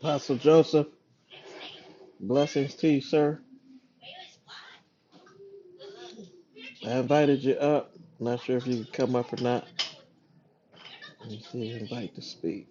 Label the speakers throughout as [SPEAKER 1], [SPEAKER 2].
[SPEAKER 1] Apostle Joseph, blessings to you, sir. I invited you up. Not sure if you can come up or not. Let me see, invite to speak.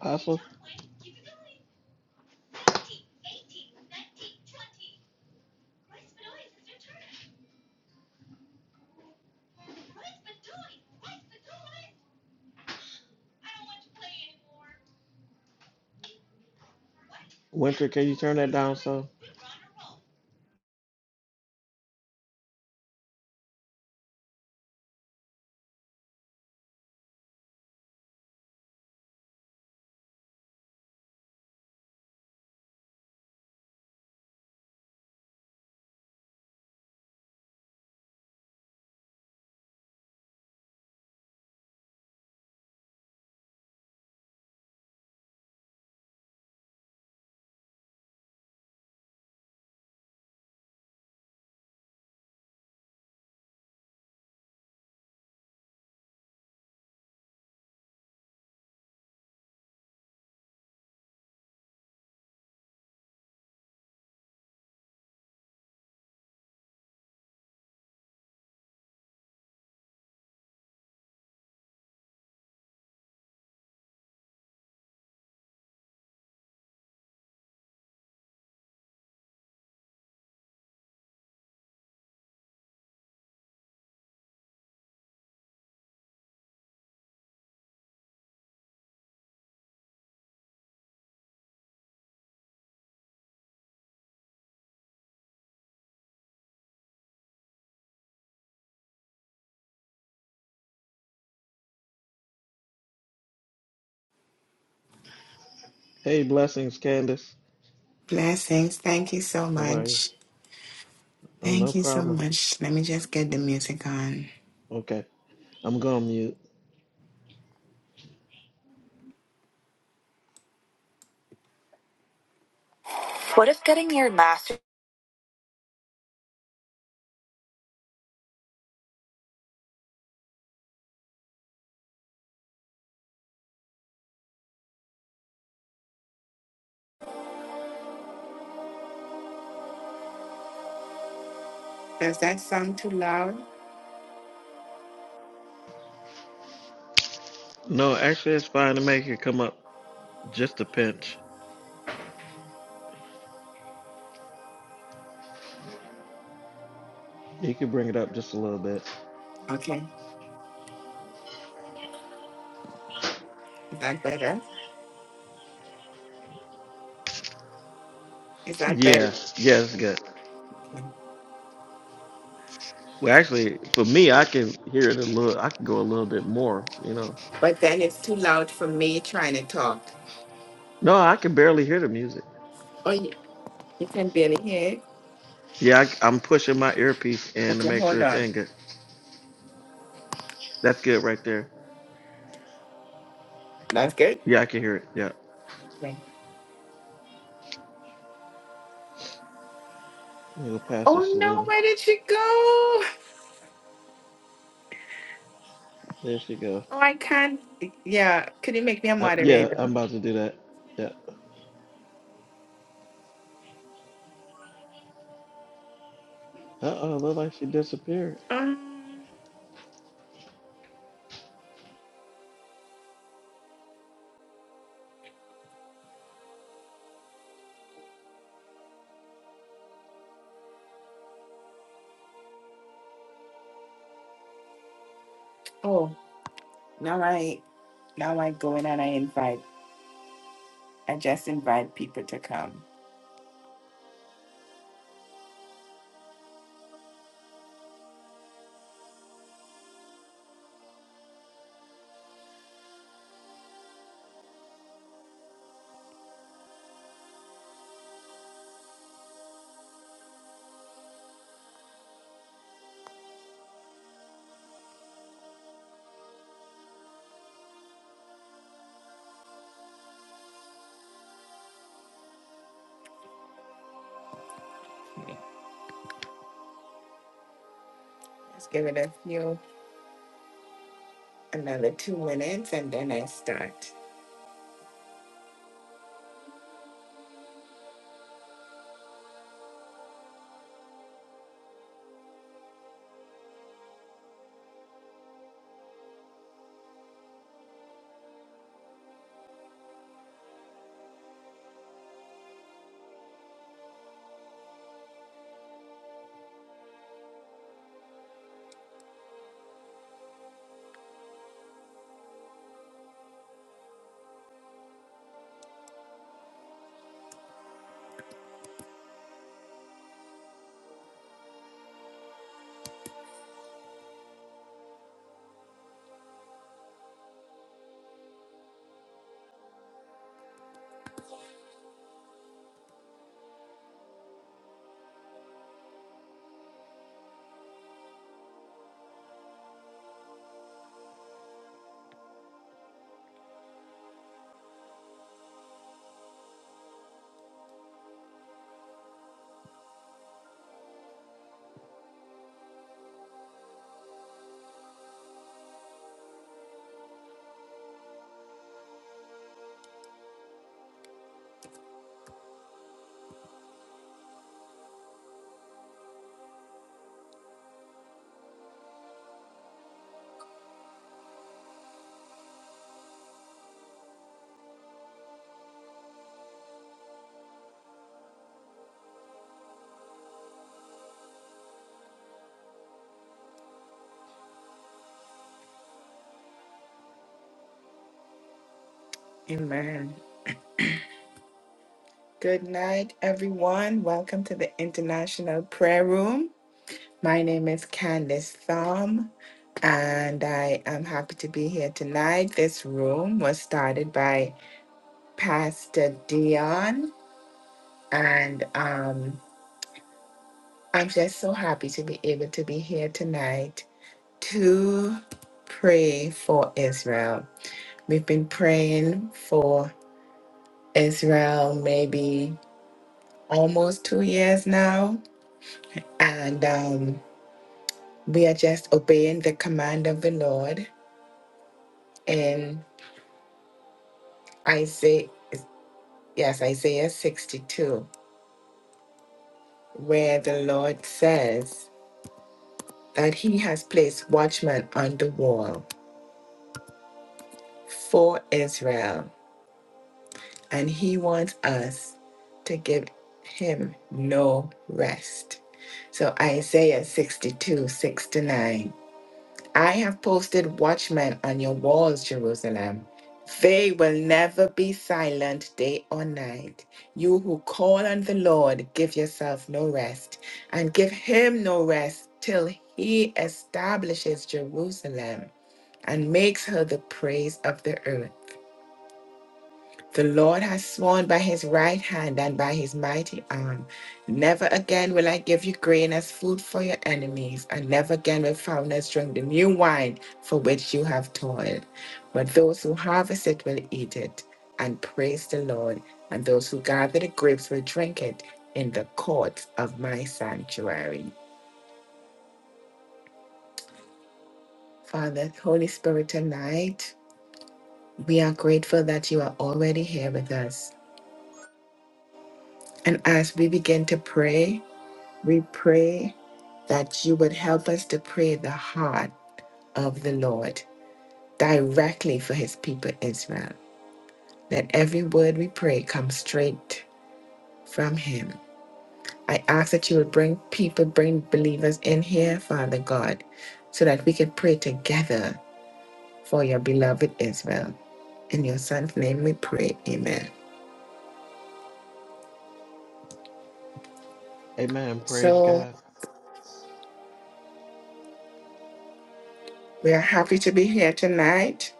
[SPEAKER 1] Apostle Winter, can you turn that down some? Hey, blessings, Candace.
[SPEAKER 2] Blessings. Thank you so
[SPEAKER 1] How are you?
[SPEAKER 2] much.
[SPEAKER 1] Oh, no
[SPEAKER 2] Thank you so
[SPEAKER 1] problem.
[SPEAKER 2] much. Let me just get the music on.
[SPEAKER 1] Okay, I'm going to mute.
[SPEAKER 2] What if getting your master? Does that sound too loud?
[SPEAKER 1] No, actually, it's fine to make it come up just a pinch. You can bring it up just a little bit.
[SPEAKER 2] Okay. Is that better? Is that better?
[SPEAKER 1] Yeah, yeah, it's good.
[SPEAKER 2] Okay.
[SPEAKER 1] Well, actually, for me, I can hear it a little. I can go a little bit more. You know.
[SPEAKER 2] But then it's too loud for me trying to talk.
[SPEAKER 1] No, I can barely hear the music.
[SPEAKER 2] Oh, yeah. You can barely hear it.
[SPEAKER 1] Yeah, I, am pushing my earpiece in to
[SPEAKER 2] Okay,
[SPEAKER 1] make sure
[SPEAKER 2] hold
[SPEAKER 1] it's
[SPEAKER 2] on.
[SPEAKER 1] in good. That's good right there.
[SPEAKER 2] That's good.
[SPEAKER 1] Yeah, I can hear it. Yeah.
[SPEAKER 2] Okay.
[SPEAKER 1] You go past her,
[SPEAKER 2] Oh, no.
[SPEAKER 1] Selena.
[SPEAKER 2] Where did she go?
[SPEAKER 1] There she go.
[SPEAKER 2] Oh, I can't. Yeah. Could you make me a
[SPEAKER 1] Uh, yeah,
[SPEAKER 2] moderator?
[SPEAKER 1] I'm about to do that. Yeah. Uh oh, look like she disappeared.
[SPEAKER 2] Um, oh, now I. Now I go in and I invite. I just invite people to come. Let's give it a few, another two minutes, and then I start. Amen. Good night, everyone. Welcome to the International Prayer Room. My name is Candice Thom, and I am happy to be here tonight. This room was started by Pastor Dion, and um, I'm just so happy to be able to be here tonight to pray for Israel. We've been praying for Israel maybe almost two years now. And um, we are just obeying the command of the Lord in Isaiah, yes, Isaiah 62, where the Lord says that he has placed watchmen on the wall for Israel. And he wants us to give him no rest. So Isaiah 62, 6 to 9. I have posted watchmen on your walls, Jerusalem. They will never be silent day or night. You who call on the Lord, give yourself no rest, and give him no rest till he establishes Jerusalem and makes her the praise of the earth. The Lord has sworn by his right hand and by his mighty arm. Never again will I give you grain as food for your enemies, and never again will foreigners drink the new wine for which you have toiled. But those who harvest it will eat it and praise the Lord, and those who gather the grapes will drink it in the courts of my sanctuary. Father, Holy Spirit, tonight we are grateful that you are already here with us. And as we begin to pray, we pray that you would help us to pray the heart of the Lord directly for his people Israel. That every word we pray comes straight from him. I ask that you would bring people, bring believers in here, Father God, so that we can pray together for your beloved Israel. In your son's name we pray. Amen.
[SPEAKER 1] Amen. Praise
[SPEAKER 2] So
[SPEAKER 1] God.
[SPEAKER 2] we are happy to be here tonight.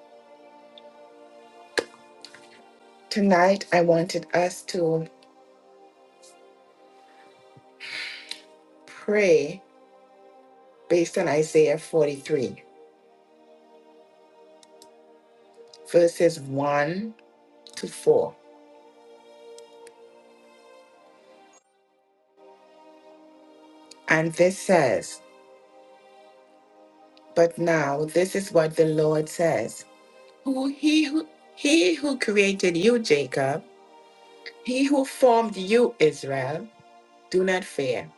[SPEAKER 2] Tonight I wanted us to pray based on Isaiah 43 verses 1 to 4. And this says, But now this is what the Lord says Who he who he who created you, Jacob, he who formed you, Israel, do not fear,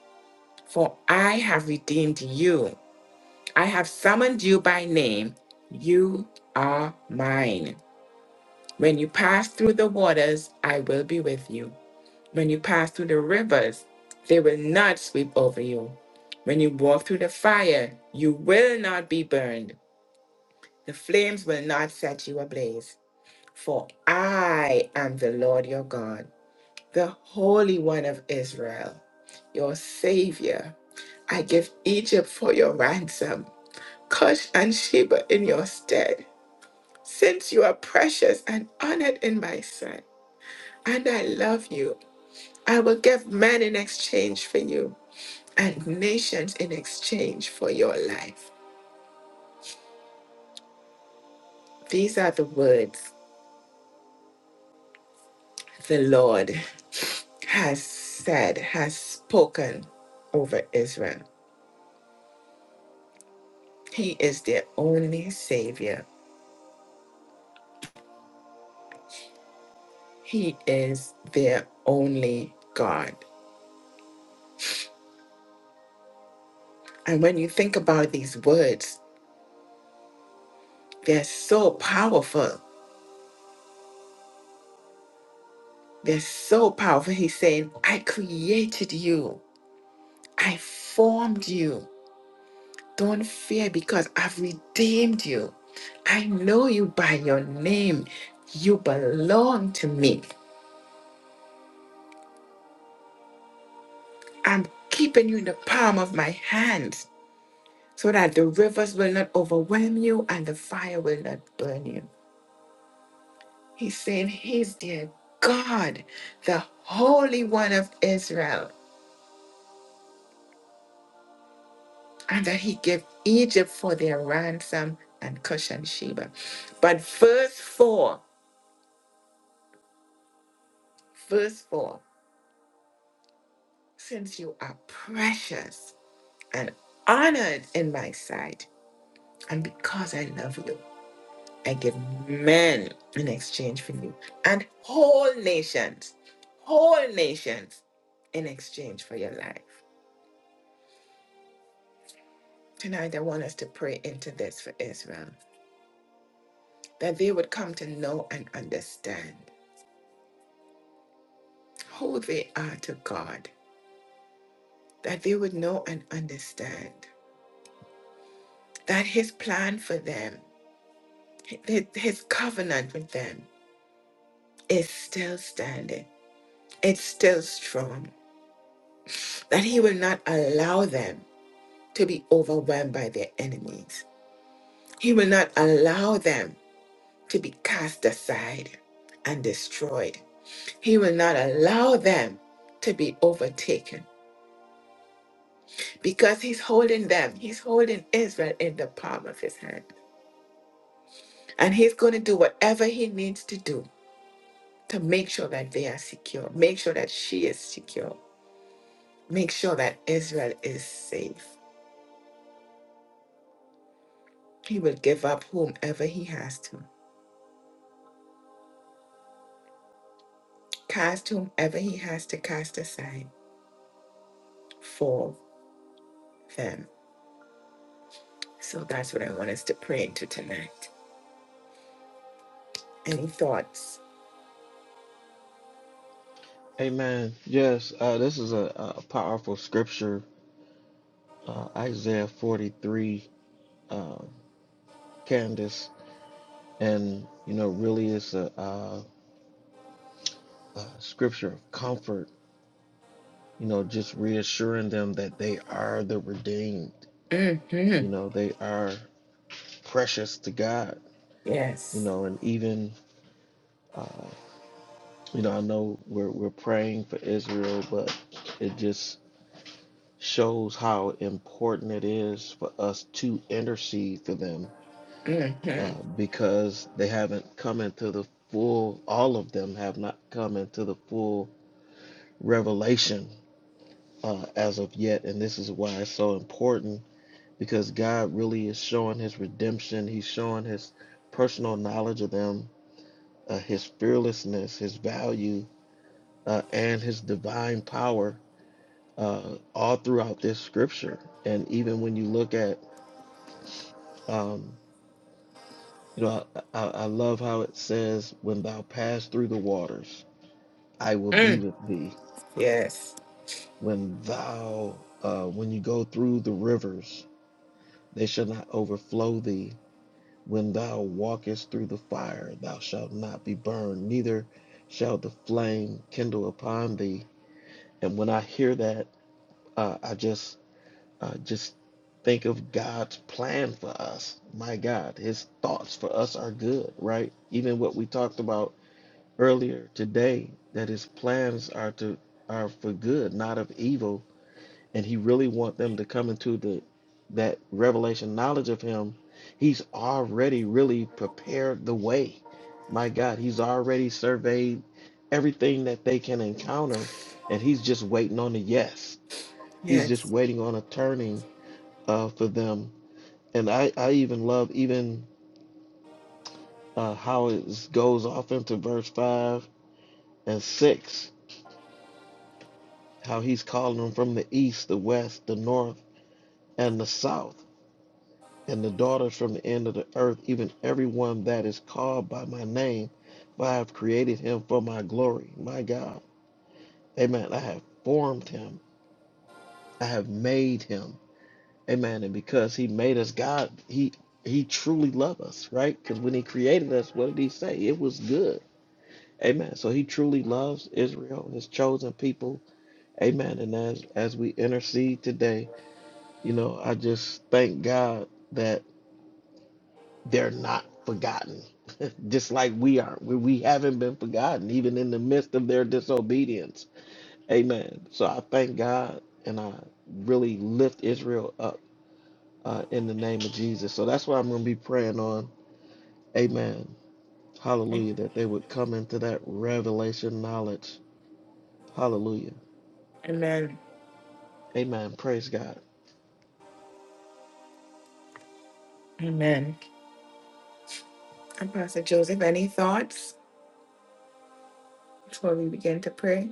[SPEAKER 2] for I have redeemed you. I have summoned you by name. You are mine. When you pass through the waters, I will be with you. When you pass through the rivers, they will not sweep over you. When you walk through the fire, you will not be burned. The flames will not set you ablaze. For I am the Lord your God, the Holy One of Israel, your Savior. I give Egypt for your ransom, Cush and Sheba in your stead. Since you are precious and honored in my sight, and I love you, I will give men in exchange for you and nations in exchange for your life. These are the words the Lord has said, has spoken over Israel. He is their only Savior, He is their only God. And when you think about these words, they're so powerful. They're so powerful. He's saying, I created you, I formed you. Don't fear because I've redeemed you. I know you by your name. You belong to me. I'm keeping you in the palm of my hand so that the rivers will not overwhelm you and the fire will not burn you. He's saying he's their God, the Holy One of Israel, and that he gave Egypt for their ransom and Cush and Sheba. But verse 4, verse 4, since you are precious and honored in my sight, And because I love you, I give men in exchange for you and whole nations, whole nations in exchange for your life. Tonight, I want us to pray into this for Israel that they would come to know and understand who they are to God, that they would know and understand that His plan for them, His His covenant with them, is still standing, it's still strong, that He will not allow them to be overwhelmed by their enemies. He will not allow them to be cast aside and destroyed. He will not allow them to be overtaken because he's holding them, he's holding Israel in the palm of his hand. And he's going to do whatever he needs to do to make sure that they are secure, make sure that she is secure, make sure that Israel is safe. He will give up whomever he has to, cast whomever he has to cast aside for. Fam. So that's what I want us to pray into tonight. Any thoughts?
[SPEAKER 1] Amen. Yes, uh, this is a, a powerful scripture, uh, Isaiah 43, uh, Candace, and you know, really is a. uh, uh, scripture of comfort, you know, just reassuring them that they are the redeemed,
[SPEAKER 2] Mm-hmm.
[SPEAKER 1] you know, they are precious to God, you
[SPEAKER 2] Yes.
[SPEAKER 1] know, and even, uh, you know, I know we're, we're praying for Israel, but it just shows how important it is for us to intercede for them
[SPEAKER 2] Mm-hmm.
[SPEAKER 1] uh, because they haven't come into the full, all of them have not come into the full revelation uh, as of yet. And this is why it's so important because God really is showing his redemption. He's showing his personal knowledge of them, uh, his fearlessness, his value, uh, and his divine power uh, all throughout this scripture. And even when you look at, um, you know, I, I, I love how it says, When thou pass through the waters, I will be
[SPEAKER 2] Mm.
[SPEAKER 1] with thee.
[SPEAKER 2] Yes.
[SPEAKER 1] When thou, uh, when you go through the rivers, they shall not overflow thee When thou walkest through the fire, thou shalt not be burned, neither shall the flame kindle upon thee. And when I hear that, uh, I just uh, just think of God's plan for us. My God, His thoughts for us are good, right? Even what we talked about earlier today, that His plans are to are for good, not of evil, and he really want them to come into the that revelation knowledge of him he's already really prepared the way my god he's already surveyed everything that they can encounter and he's just waiting on a yes he's just
[SPEAKER 2] Yes.
[SPEAKER 1] waiting on a turning uh, for them and i i even love even uh, how it goes off into verse 5 and 6 how he's calling them from the east the west the north and the south and the daughters from the end of the earth, even everyone that is called by my name, for I have created him for my glory, my God. Amen. I have formed him. I have made him. Amen. And because he made us God, he he truly loved us, right? Because when he created us, what did he say? It was good. Amen. So he truly loves Israel, his chosen people. Amen. And as as we intercede today, you know, I just thank God that. they're not forgotten just like we are we, we haven't been forgotten even in the midst of their disobedience amen so i thank god and i really lift israel up uh, in the name of jesus so that's what i'm going to be praying on amen hallelujah that they would come into that revelation knowledge hallelujah
[SPEAKER 2] Amen.
[SPEAKER 1] amen praise god
[SPEAKER 2] Amen. And Pastor Joseph, any thoughts before we begin to pray?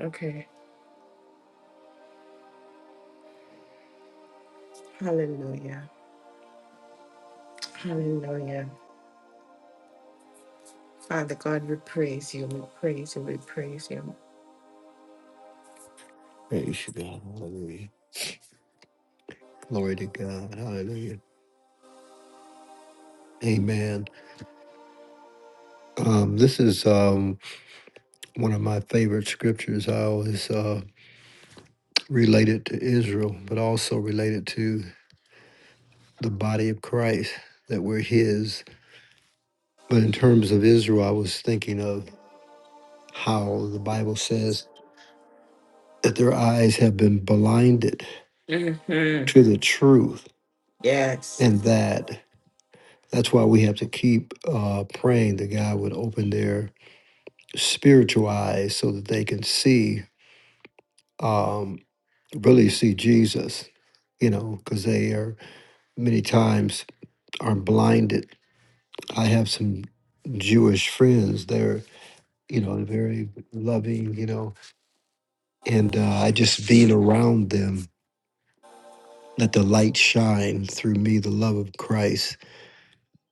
[SPEAKER 2] Okay. Hallelujah. Hallelujah. Father God, we praise you. We praise you. We praise you.
[SPEAKER 3] Praise you, God. Hallelujah. Glory to God. Hallelujah. Amen. Um, this is um, one of my favorite scriptures. I always uh, relate it to Israel, but also related to the body of Christ that we're His. But in terms of Israel, I was thinking of how the Bible says that their eyes have been blinded
[SPEAKER 2] Mm-hmm.
[SPEAKER 3] to the truth,
[SPEAKER 2] Yes.
[SPEAKER 3] and that that's why we have to keep uh, praying that God would open their spiritual eyes so that they can see um really see jesus you know because they are many times are blinded i have some jewish friends they're you know very loving you know and uh, i just being around them let the light shine through me the love of christ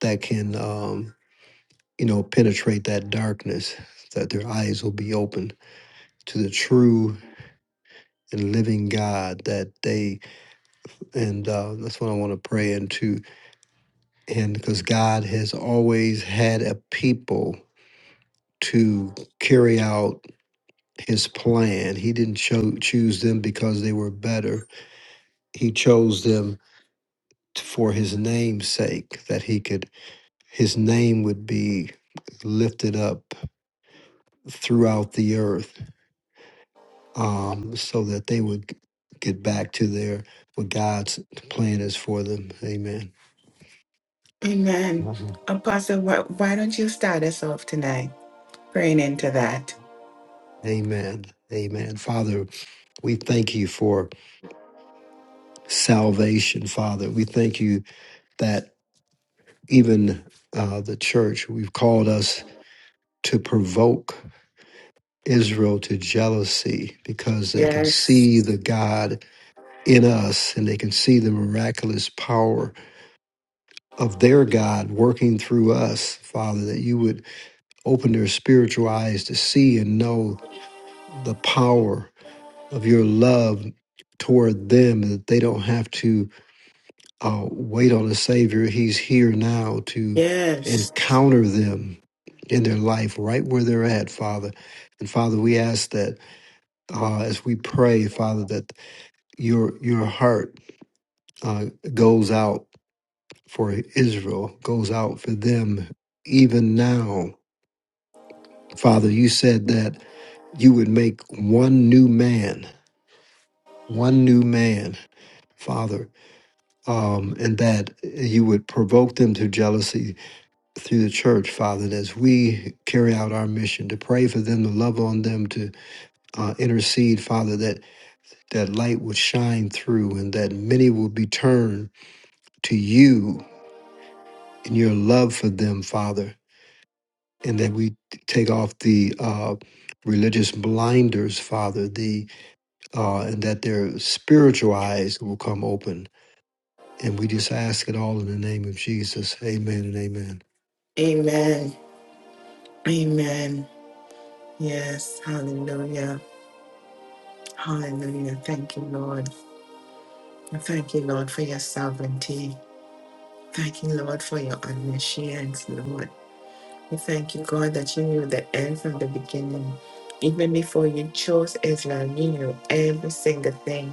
[SPEAKER 3] that can um you know penetrate that darkness that their eyes will be open to the true and living god that they And uh, that's what I want to pray into. And because God has always had a people to carry out his plan, He didn't cho- choose them because they were better, He chose them t- for His name's sake, that He could, His name would be lifted up throughout the earth um, so that they would g- get back to their what God's plan is for them. Amen.
[SPEAKER 2] Amen.
[SPEAKER 3] Mhm.
[SPEAKER 2] Apostle, why, why don't you start us off tonight? Praying into that.
[SPEAKER 3] Amen. Amen. Father, We thank you for salvation, Father. We thank you that even uh, the church, we've called us to provoke Israel to jealousy because they can
[SPEAKER 2] Yes.
[SPEAKER 3] see the God in us and they can see the miraculous power of their God working through us, Father, that you would open their spiritual eyes to see and know the power of your love toward them, that they don't have to uh, wait on the Savior. He's here now to
[SPEAKER 2] Yes.
[SPEAKER 3] encounter them in their life right where they're at, Father. And Father, we ask that uh, as we pray, Father, that your your heart uh, goes out for Israel, goes out for them even now. Father, you said that you would make one new man, one new man, Father, um, and that you would provoke them to jealousy through the church, Father, that as we carry out our mission to pray for them, to love on them, to uh, intercede, Father, that that light would shine through and that many will be turned to you and your love for them, Father, and that we take off the uh, religious blinders, Father, the uh, and that their spiritual eyes will come open. And we just ask it all in the name of Jesus. Amen and amen.
[SPEAKER 2] Amen. Amen. Yes. Hallelujah. Hallelujah. Thank you, Lord. And Thank you, Lord, for your sovereignty. Thank you, Lord, for your omniscience, Lord. We thank you, God, that you knew the end from the beginning. Even before you chose Israel, you knew every single thing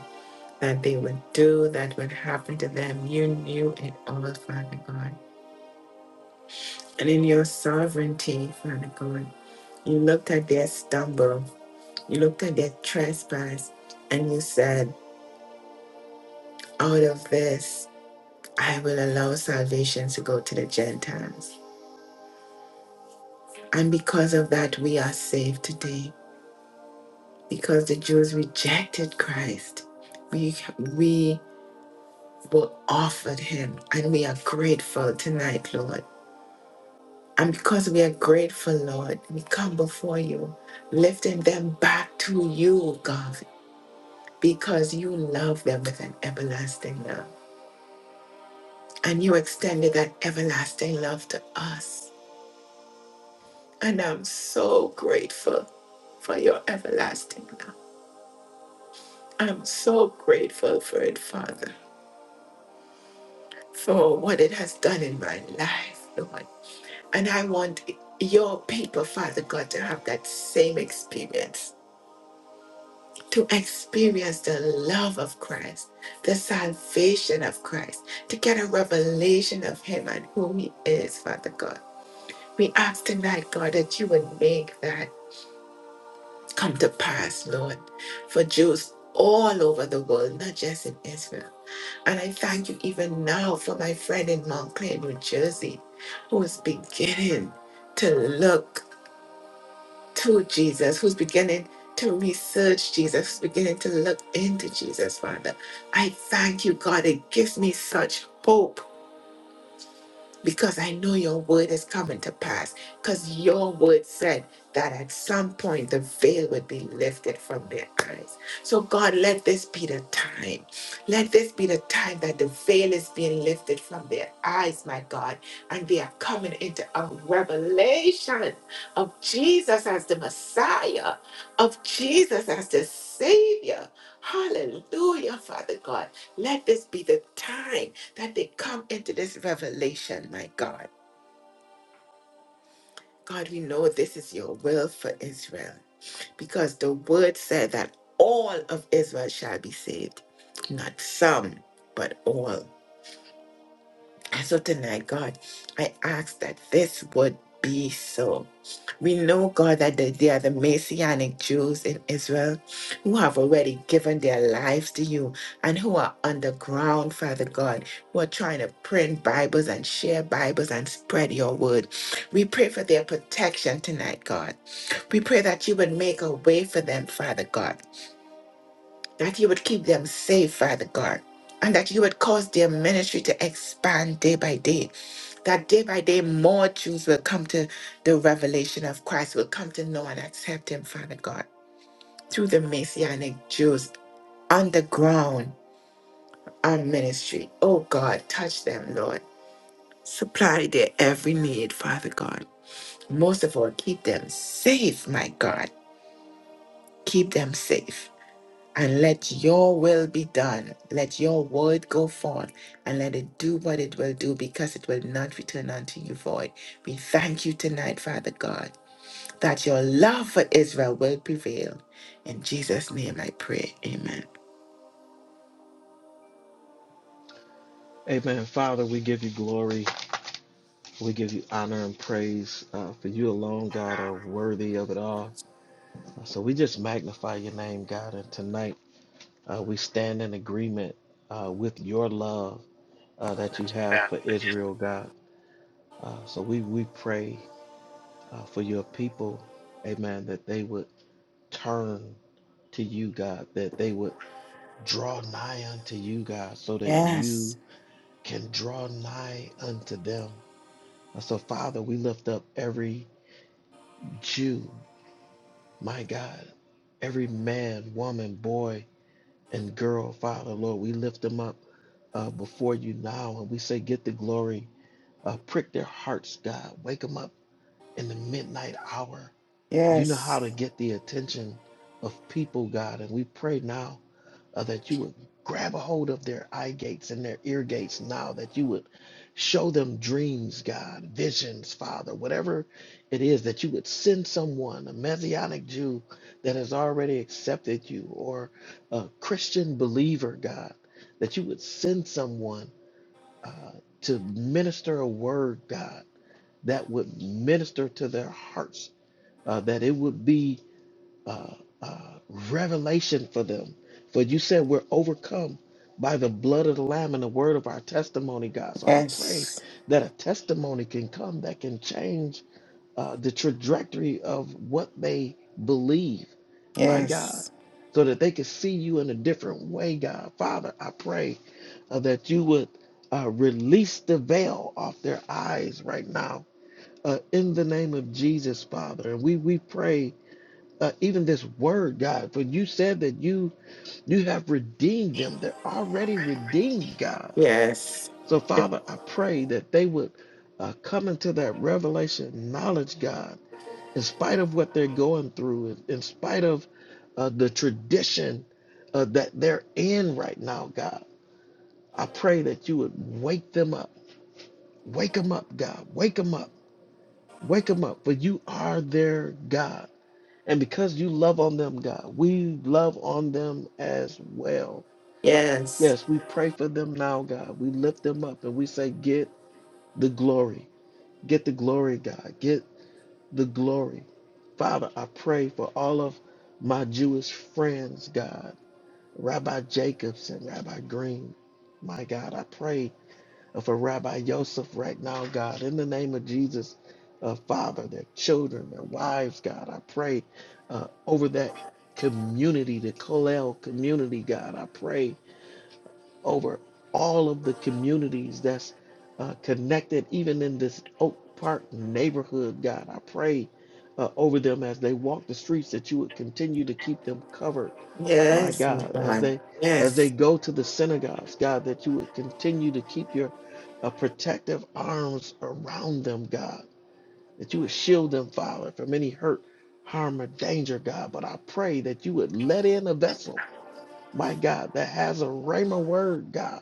[SPEAKER 2] that they would do, that would happen to them. You knew it all, Father God. And in your sovereignty, Father God, you looked at their stumble You looked at their trespass. And you said, out of this, I will allow salvation to go to the Gentiles. And because of that, we are saved today. Because the Jews rejected Christ, we, we were offered him. And we are grateful tonight, Lord. And because we are grateful, Lord, we come before you, lifting them back to you, God, because you love them with an everlasting love. and you extended that everlasting love to us. And I'm so grateful for your everlasting love. I'm so grateful for it, Father, for what it has done in my life, Lord. And I want your people, Father God, to have that same experience, to experience the love of Christ, the salvation of Christ, to get a revelation of Him and who He is, Father God. We ask tonight, God, that you would make that. come to pass, Lord, for Jews all over the world, not just in Israel. And I thank you even now for my friend in Montclair, New Jersey, who is beginning to look to Jesus, who's beginning to research Jesus, who's beginning to look into Jesus, Father. I thank you, God. It gives me such hope because I know your word is coming to pass. Because your word said that at some point the veil would be lifted from their eyes. So, God, let this be the time. Let this be the time that the veil is being lifted from their eyes, my God, and they are coming into a revelation of Jesus as the Messiah, of Jesus as the Savior. Hallelujah, Father God. Let this be the time that they come into this revelation, my God. God, we know this is your will for Israel because the word said that all of Israel shall be saved, not some, but all. And so tonight, God, I ask that this would be so. We know, God, that the- there are the Messianic Jews in Israel who have already given their lives to you and who are underground, Father God, who are trying to print Bibles and share Bibles and spread your word. We pray for their protection tonight, God. We pray that you would make a way for them, Father God, that you would keep them safe, Father God. And that you would cause their ministry to expand day by day that day by day, more Jews will come to the revelation of Christ, will come to know and accept Him, Father God, through the Messianic Jews on the ground, our ministry. Oh God, touch them, Lord. Supply their every need, Father God. Most of all, keep them safe, my God. Keep them safe. And let your will be done. Let your word go forth and let it do what it will do because it will not return unto you void. We thank you tonight, Father God. that your love for Israel will prevail. In Jesus' name I pray. Amen.
[SPEAKER 1] amen father we give you glory we give you honor and praise uh, for you alone god are worthy of it all So we just magnify your name, God. And tonight uh, we stand in agreement uh, with your love uh, that you have for Israel, God. Uh, so we, we pray uh, for your people, amen, that they would turn to you, God, that they would draw nigh unto you, God, so that
[SPEAKER 2] Yes,
[SPEAKER 1] you can draw nigh unto them. Uh, so, Father, we lift up every Jew, my God, every man, woman, boy, and girl, Father, Lord, we lift them up uh, before you now and we say, Get the glory. Uh, prick their hearts, God. Wake them up in the midnight hour. You know how to
[SPEAKER 2] yes,
[SPEAKER 1] get the attention of people, God. And we pray now uh, that you would grab a hold of their eye gates and their ear gates now, that you would show them dreams, God, visions, Father, whatever it is, that you would send someone, a Messianic Jew that has already accepted you, or a Christian believer, God, that you would send someone uh, to minister a word, God, that would minister to their hearts, uh, that it would be uh, uh, revelation for them. For you said we're overcome by the blood of the Lamb and the word of our testimony, God. So I pray
[SPEAKER 2] yes,
[SPEAKER 1] that a testimony can come that can change uh, the trajectory of what they believe, my
[SPEAKER 2] yes,
[SPEAKER 1] God, so that they can see you in a different way, God. Father, I pray uh, that you would uh, release the veil off their eyes right now. Uh, in the name of Jesus, Father. And we, we pray uh, even this word, God. For you said that you you have redeemed them; they're already redeemed, God.
[SPEAKER 2] Yes,
[SPEAKER 1] So, Father, I pray that they would uh, come into that revelation knowledge, God, in spite of what they're going through, in, in spite of uh, the tradition uh, that they're in right now, God. I pray that you would wake them up, wake them up, God, wake them up, wake them up, for you are their God. And because you love on them, God, we love on them as well.
[SPEAKER 2] yes,
[SPEAKER 1] Yes, we pray for them now, God. We lift them up and we say, Get the glory. Get the glory, God. Get the glory. Father, I pray for all of my Jewish friends, God, Rabbi Jacobs and Rabbi Green. My God, I pray uh, for Rabbi Yosef right now, God, in the name of Jesus, uh, Father, their children, their wives, God, I pray uh, over that community, the Kollel community, God, I pray over all of the communities that's uh, connected, even in this Oak Park neighborhood, God. I pray uh, over them as they walk the streets that you would continue to keep them covered, my
[SPEAKER 2] yes, my
[SPEAKER 1] God, as
[SPEAKER 2] God.
[SPEAKER 1] they as they
[SPEAKER 2] Yes,
[SPEAKER 1] go to the synagogues, God, that you would continue to keep your uh, protective arms around them, God, that you would shield them, Father, from any hurt, harm, or danger, God. But I pray that you would let in a vessel, my God, that has a rhema word, God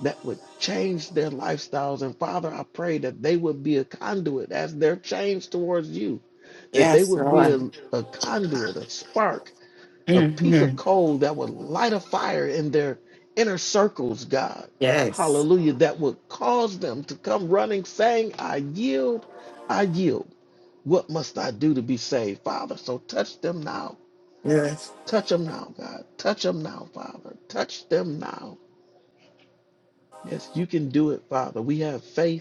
[SPEAKER 1] that would change their lifestyles. And Father, I pray that they would be a conduit as they're changed towards you, that they
[SPEAKER 2] yes,
[SPEAKER 1] would be
[SPEAKER 2] Lord.
[SPEAKER 1] a, a conduit, a spark, a piece
[SPEAKER 2] hmm
[SPEAKER 1] of coal that would light a fire in their inner circles, God.
[SPEAKER 2] Yes,
[SPEAKER 1] Hallelujah. That would cause them to come running saying, I yield, I yield. What must I do to be saved, Father? So touch them now.
[SPEAKER 2] yes,
[SPEAKER 1] Touch them now, God. Touch them now, Father. Touch them now. Yes, you can do it, Father. We have faith.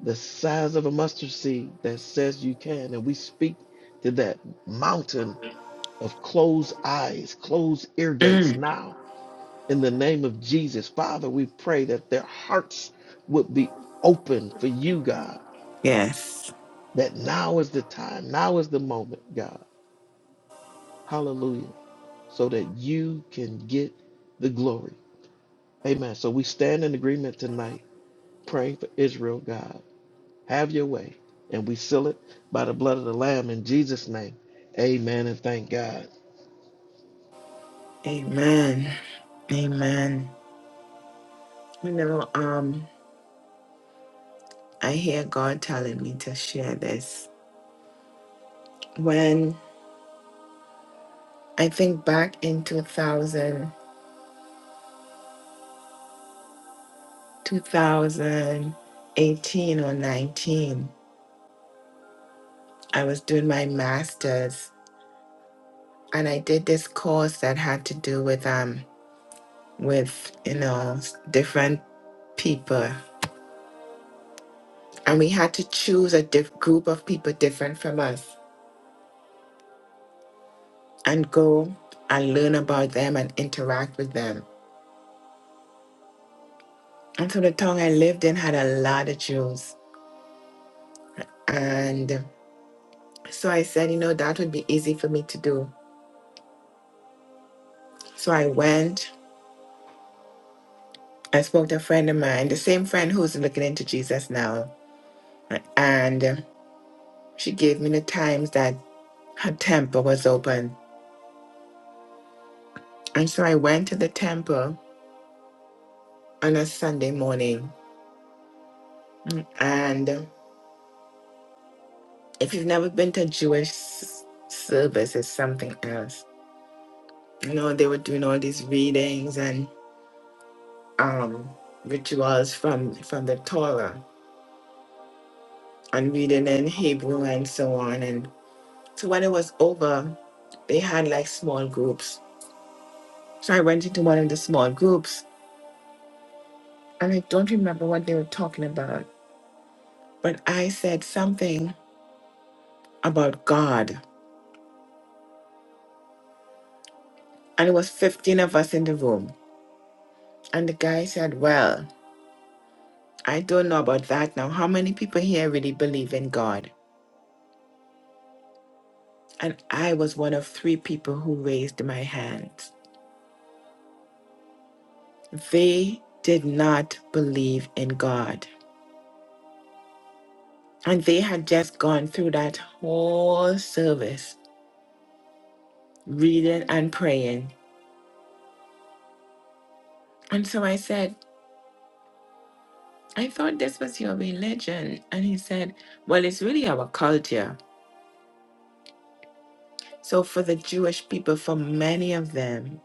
[SPEAKER 1] the size of a mustard seed that says you can. And we speak to that mountain of closed eyes, closed ear gates
[SPEAKER 2] mm.
[SPEAKER 1] now. In the name of Jesus, Father, we pray that their hearts would be open for you, God,
[SPEAKER 2] yes.
[SPEAKER 1] that now is the time, now is the moment, God. Hallelujah. So that you can get the glory. Amen. So we stand in agreement tonight, praying for Israel, God. Have your way. And we seal it by the blood of the Lamb in Jesus' name. Amen and thank God.
[SPEAKER 2] Amen. Amen. You know, um, I hear God telling me to share this. When I think back in 2000. 2018 or 19, I was doing my master's and I did this course that had to do with um with you know s- different people and we had to choose a diff- group of people different from us and go and learn about them and interact with them. And so the town I lived in had a lot of Jews and so I said, you know, that would be easy for me to do. So I went I spoke to a friend of mine, the same friend who's looking into Jesus now, and uh, she gave me the times that her temple was open. And so I went to the temple on a Sunday morning. And uh, if you've never been to a Jewish s- service, it's something else. You know, they were doing all these readings and um, rituals from from the Torah and reading in Hebrew and so on. And so when it was over, they had like small groups So I went into one of the small groups and I don't remember what they were talking about, but I said something about God. And it was 15 of us in the room. And the guy said, Well, I don't know about that now. How many people here really believe in God? And I was one of three people who raised my hands. They did not believe in God. And they had just gone through that whole service, reading and praying. And so I said, I thought this was your religion. And he said, Well, it's really our culture. So, for the Jewish people, for many of them,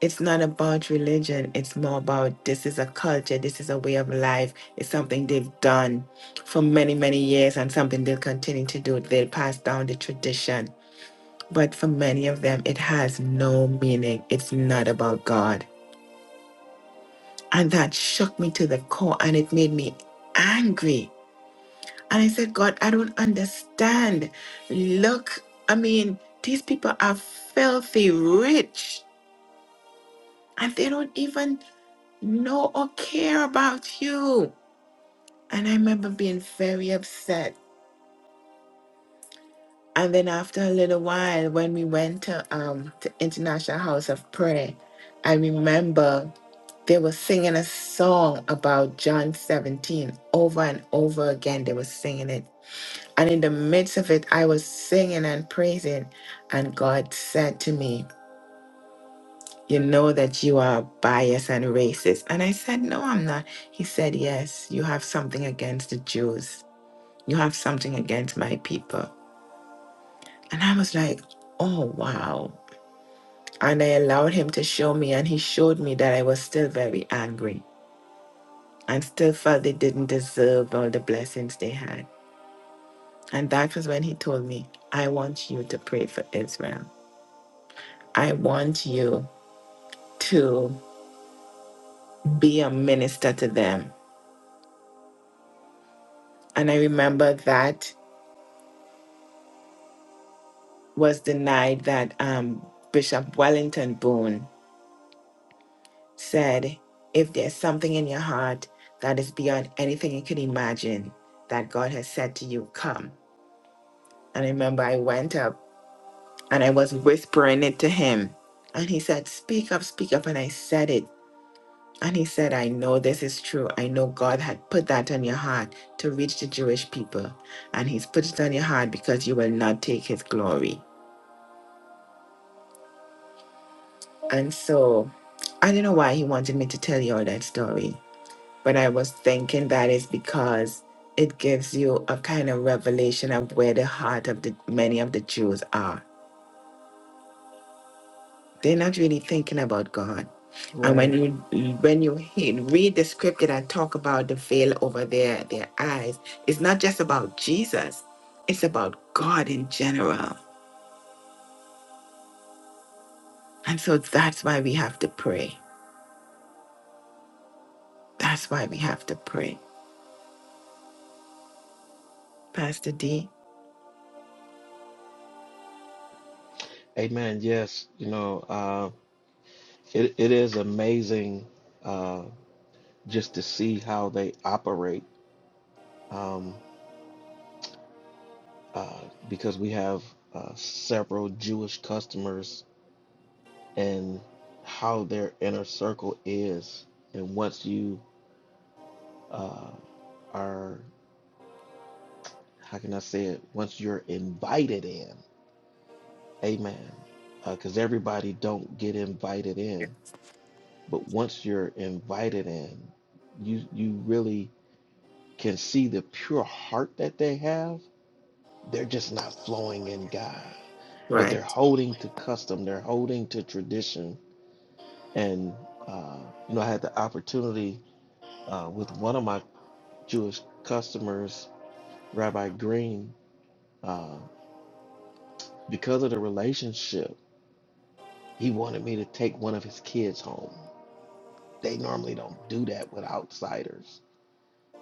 [SPEAKER 2] it's not about religion. It's more about this is a culture, this is a way of life. It's something they've done for many, many years and something they'll continue to do. They'll pass down the tradition. But for many of them, it has no meaning. It's not about God. And that shook me to the core and it made me angry And I said, God, I don't understand. Look, I mean, these people are filthy rich and they don't even know or care about you. And I remember being very upset. And then after a little while, when we went to um to International House of Prayer, I remember they were singing a song about John 17 over and over again. They were singing it And in the midst of it, I was singing and praising. And God said to me, You know that you are biased and racist. And I said, No, I'm not. He said, Yes, you have something against the Jews. You have something against my people. And I was like, Oh, wow. And I allowed him to show me. And he showed me that I was still very angry and still felt they didn't deserve all the blessings they had. And that was when he told me, I want you to pray for Israel. I want you to be a minister to them. And I remember that was the night that um, Bishop Wellington Boone said, If there's something in your heart that is beyond anything you can imagine that God has said to you, come. And I remember I went up and I was whispering it to him. And he said, Speak up, speak up. And I said it. And he said, I know this is true. I know God had put that on your heart to reach the Jewish people. And he's put it on your heart because you will not take his glory. And so I don't know why he wanted me to tell you all that story, but I was thinking that is because it gives you a kind of revelation of where the heart of the many of the Jews are. They're not really thinking about God. And when
[SPEAKER 1] Right.
[SPEAKER 2] you when you he- read the scripture that talk about the veil over their their eyes, it's not just about Jesus. It's about God in general. And so that's why we have to pray. That's why we have to pray. Pastor D,
[SPEAKER 1] Amen. Yes. You know, uh, it, it is amazing uh, just to see how they operate um, uh, because we have uh, several Jewish customers and how their inner circle is. And once you uh, are, how can I say it? Once you're invited in, Amen. Because uh, everybody don't get invited in, but once you're invited in, you you really can see the pure heart that they have. They're just not flowing in God, but
[SPEAKER 2] right?
[SPEAKER 1] they're holding to custom. They're holding to tradition. And uh, you know, I had the opportunity uh, with one of my Jewish customers, Rabbi Green, uh, because of the relationship, he wanted me to take one of his kids home They normally don't do that with outsiders.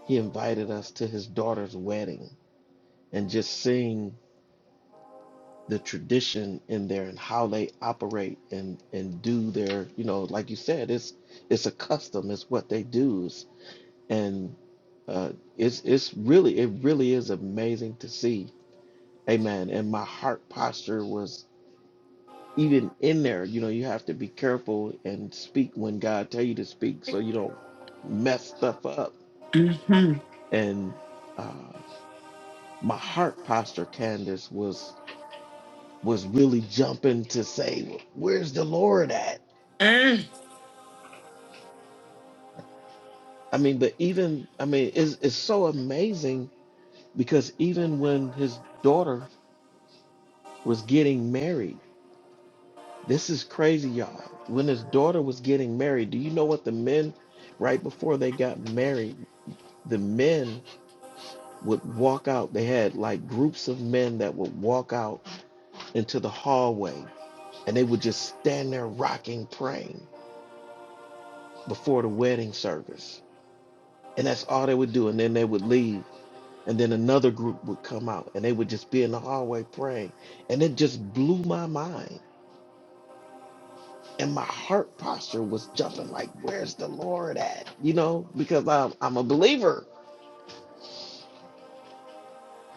[SPEAKER 1] He invited us to his daughter's wedding and just seeing the tradition in there and how they operate and and do their you know like you said it's it's a custom it's what they do it's- and uh, it's it's really it really is amazing to see amen and my heart posture was even in there you know you have to be careful and speak when god tell you to speak so you don't mess stuff up
[SPEAKER 2] Mm-hmm.
[SPEAKER 1] and uh, my heart posture, Candace, was was really jumping to say, "Where's the Lord at?"
[SPEAKER 2] Mm.
[SPEAKER 1] I mean, but even I mean, it's it's so amazing because even when his daughter was getting married, this is crazy, y'all. When his daughter was getting married, do you know what the men right before they got married? The men would walk out. They had like groups of men that would walk out into the hallway and they would just stand there rocking, praying before the wedding service. And that's all they would do. And then they would leave. And then another group would come out and they would just be in the hallway praying. And it just blew my mind. And my heart posture was jumping like, where's the Lord at? You know, because I'm, I'm a believer.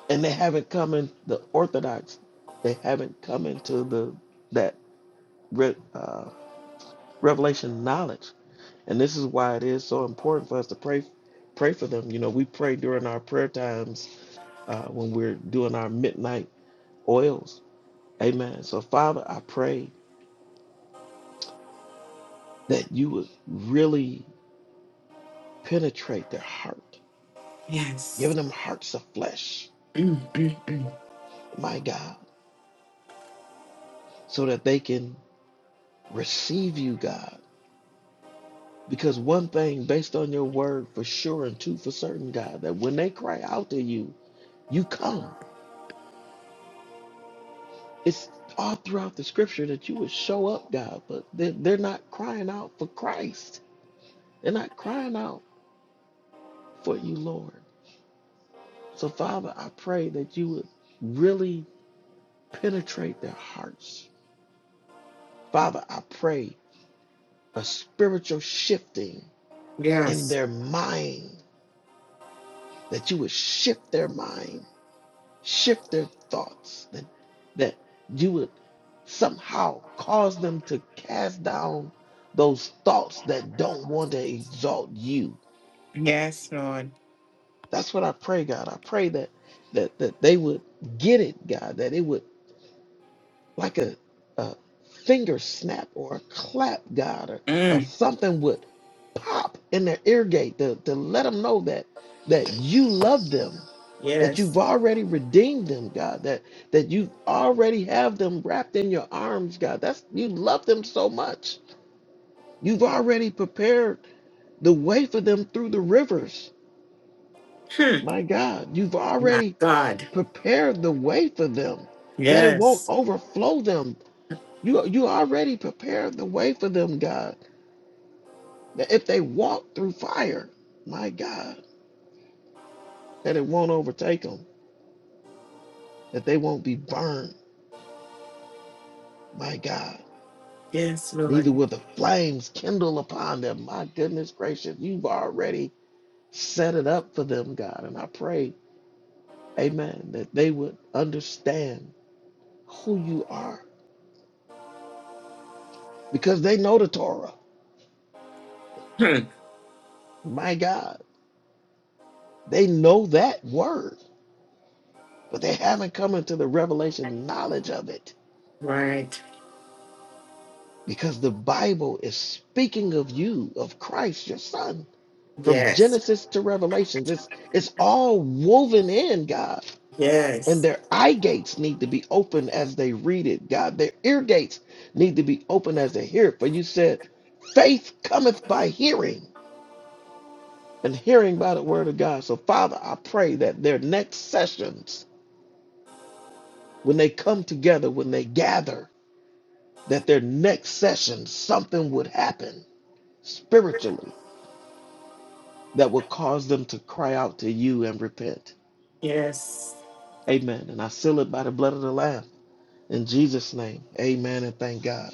[SPEAKER 1] And they haven't come in, the Orthodox, they haven't come into the that re, uh, revelation knowledge And this is why it is so important for us to pray pray for them. You know, we pray during our prayer times uh, when we're doing our midnight oils. Amen. So, Father, I pray that you would really penetrate their heart,
[SPEAKER 2] Yes.
[SPEAKER 1] giving them hearts of flesh,
[SPEAKER 2] Mm, mm, mm.
[SPEAKER 1] my God, so that they can receive you, God. Because one thing based on your word for sure and two for certain, God, that when they cry out to you, you come. It's all throughout the scripture that you would show up, God, but they're, they're not crying out for Christ. They're not crying out for you, Lord. So, Father, I pray that you would really penetrate their hearts. Father, I pray a spiritual shifting in
[SPEAKER 2] Yes.
[SPEAKER 1] their mind, that you would shift their mind shift their thoughts that that you would somehow cause them to cast down those thoughts that don't want to exalt you
[SPEAKER 2] Yes, Lord.
[SPEAKER 1] that's what i pray god i pray that that that they would get it god that it would like a, a finger snap or a clap god or, or
[SPEAKER 2] Mm.
[SPEAKER 1] something would pop in their ear gate to, to let them know that that you love them that you've
[SPEAKER 2] Yes.
[SPEAKER 1] already redeemed them, God, that that you already have them wrapped in your arms, God. That's you love them so much. You've already prepared the way for them through the rivers.
[SPEAKER 2] Hmm.
[SPEAKER 1] My God, you've
[SPEAKER 2] My
[SPEAKER 1] already
[SPEAKER 2] God.
[SPEAKER 1] prepared the way for them that it won't
[SPEAKER 2] Yes.
[SPEAKER 1] overflow them. You you already prepared the way for them, God. That if they walk through fire, my God, that it won't overtake them, that they won't be burned, my God.
[SPEAKER 2] Yes, Lord.
[SPEAKER 1] neither will the flames kindle upon them. My goodness gracious, you've already set it up for them, God. And I pray, amen, that they would understand who you are because they know the Torah.
[SPEAKER 2] Hmm.
[SPEAKER 1] My God, they know that word, but they haven't come into the revelation knowledge of it
[SPEAKER 2] Right.
[SPEAKER 1] because the Bible is speaking of you, of Christ, your son. From
[SPEAKER 2] Yes.
[SPEAKER 1] Genesis to Revelations, it's it's all woven in, God. And
[SPEAKER 2] Yes.
[SPEAKER 1] their eye gates need to be open as they read it, God. Their ear gates need to be open as they hear it. For you said, faith cometh by hearing, and hearing by the word of God. So, Father, I pray that their next sessions, when they come together, when they gather, that their next session, something would happen spiritually that would cause them to cry out to you and repent.
[SPEAKER 2] Yes.
[SPEAKER 1] Amen. And I seal it by the blood of the Lamb. In Jesus' name, amen and thank God.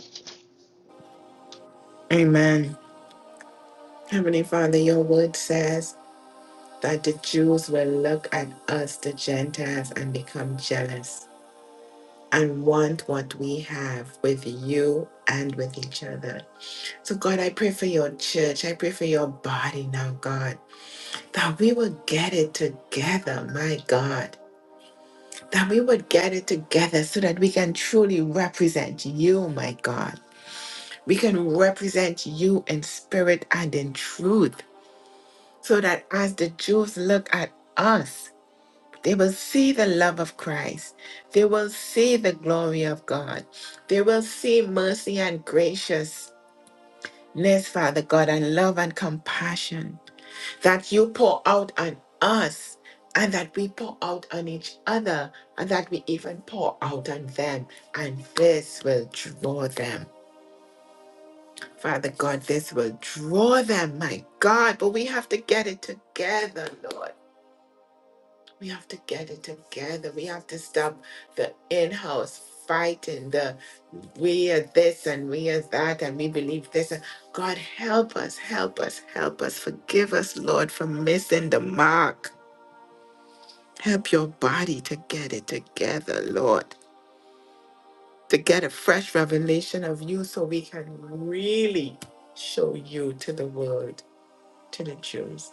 [SPEAKER 2] Amen. Heavenly Father, your word says that the Jews will look at us, the Gentiles, and become jealous and want what we have with you and with each other. So, God, I pray for your church. I pray for your body now, God, that we will get it together, my God. That we would get it together so that we can truly represent you, my God. We can represent you in spirit and in truth so that as the Jews look at us, they will see the love of Christ. They will see the glory of God. They will see mercy and graciousness, Father God, and love and compassion that you pour out on us and that we pour out on each other and that we even pour out on them. And this will draw them. Father God, this will draw them, my God. But we have to get it together, Lord. We have to get it together. We have to stop the in house fighting, the we are this and we are that and we believe this. And God, help us, help us, help us. Forgive us, Lord, for missing the mark. Help your body to get it together, Lord, to get a fresh revelation of you so we can really show you to the world, to the Jews.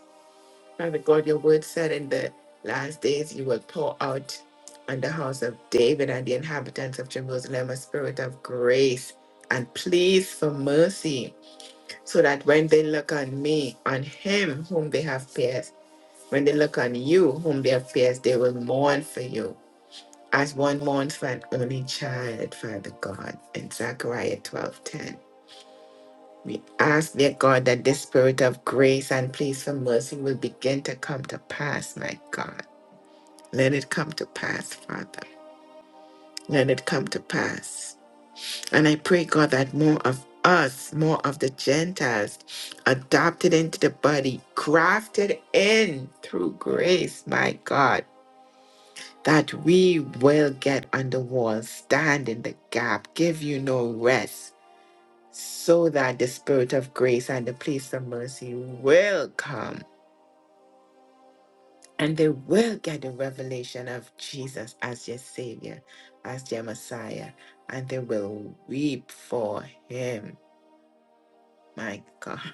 [SPEAKER 2] Father God, your word said in the last days you will pour out on the house of David and the inhabitants of Jerusalem a spirit of grace and pleas for mercy, so that when they look on me, on him whom they have pierced, when they look on you whom they have pierced, they will mourn for you. As one mourns for an only child, Father God, in Zechariah 12:10. We ask, dear God, that this spirit of grace and pleas for mercy will begin to come to pass, my God Let it come to pass, Father. Let it come to pass. And I pray, God, that more of us, more of the Gentiles, adopted into the body, crafted in through grace, my God, that we will get on the wall, stand in the gap, give you no rest, so that the Spirit of grace and the place of mercy will come and they will get the revelation of Jesus as their Savior, as their Messiah, and they will weep for Him. My God,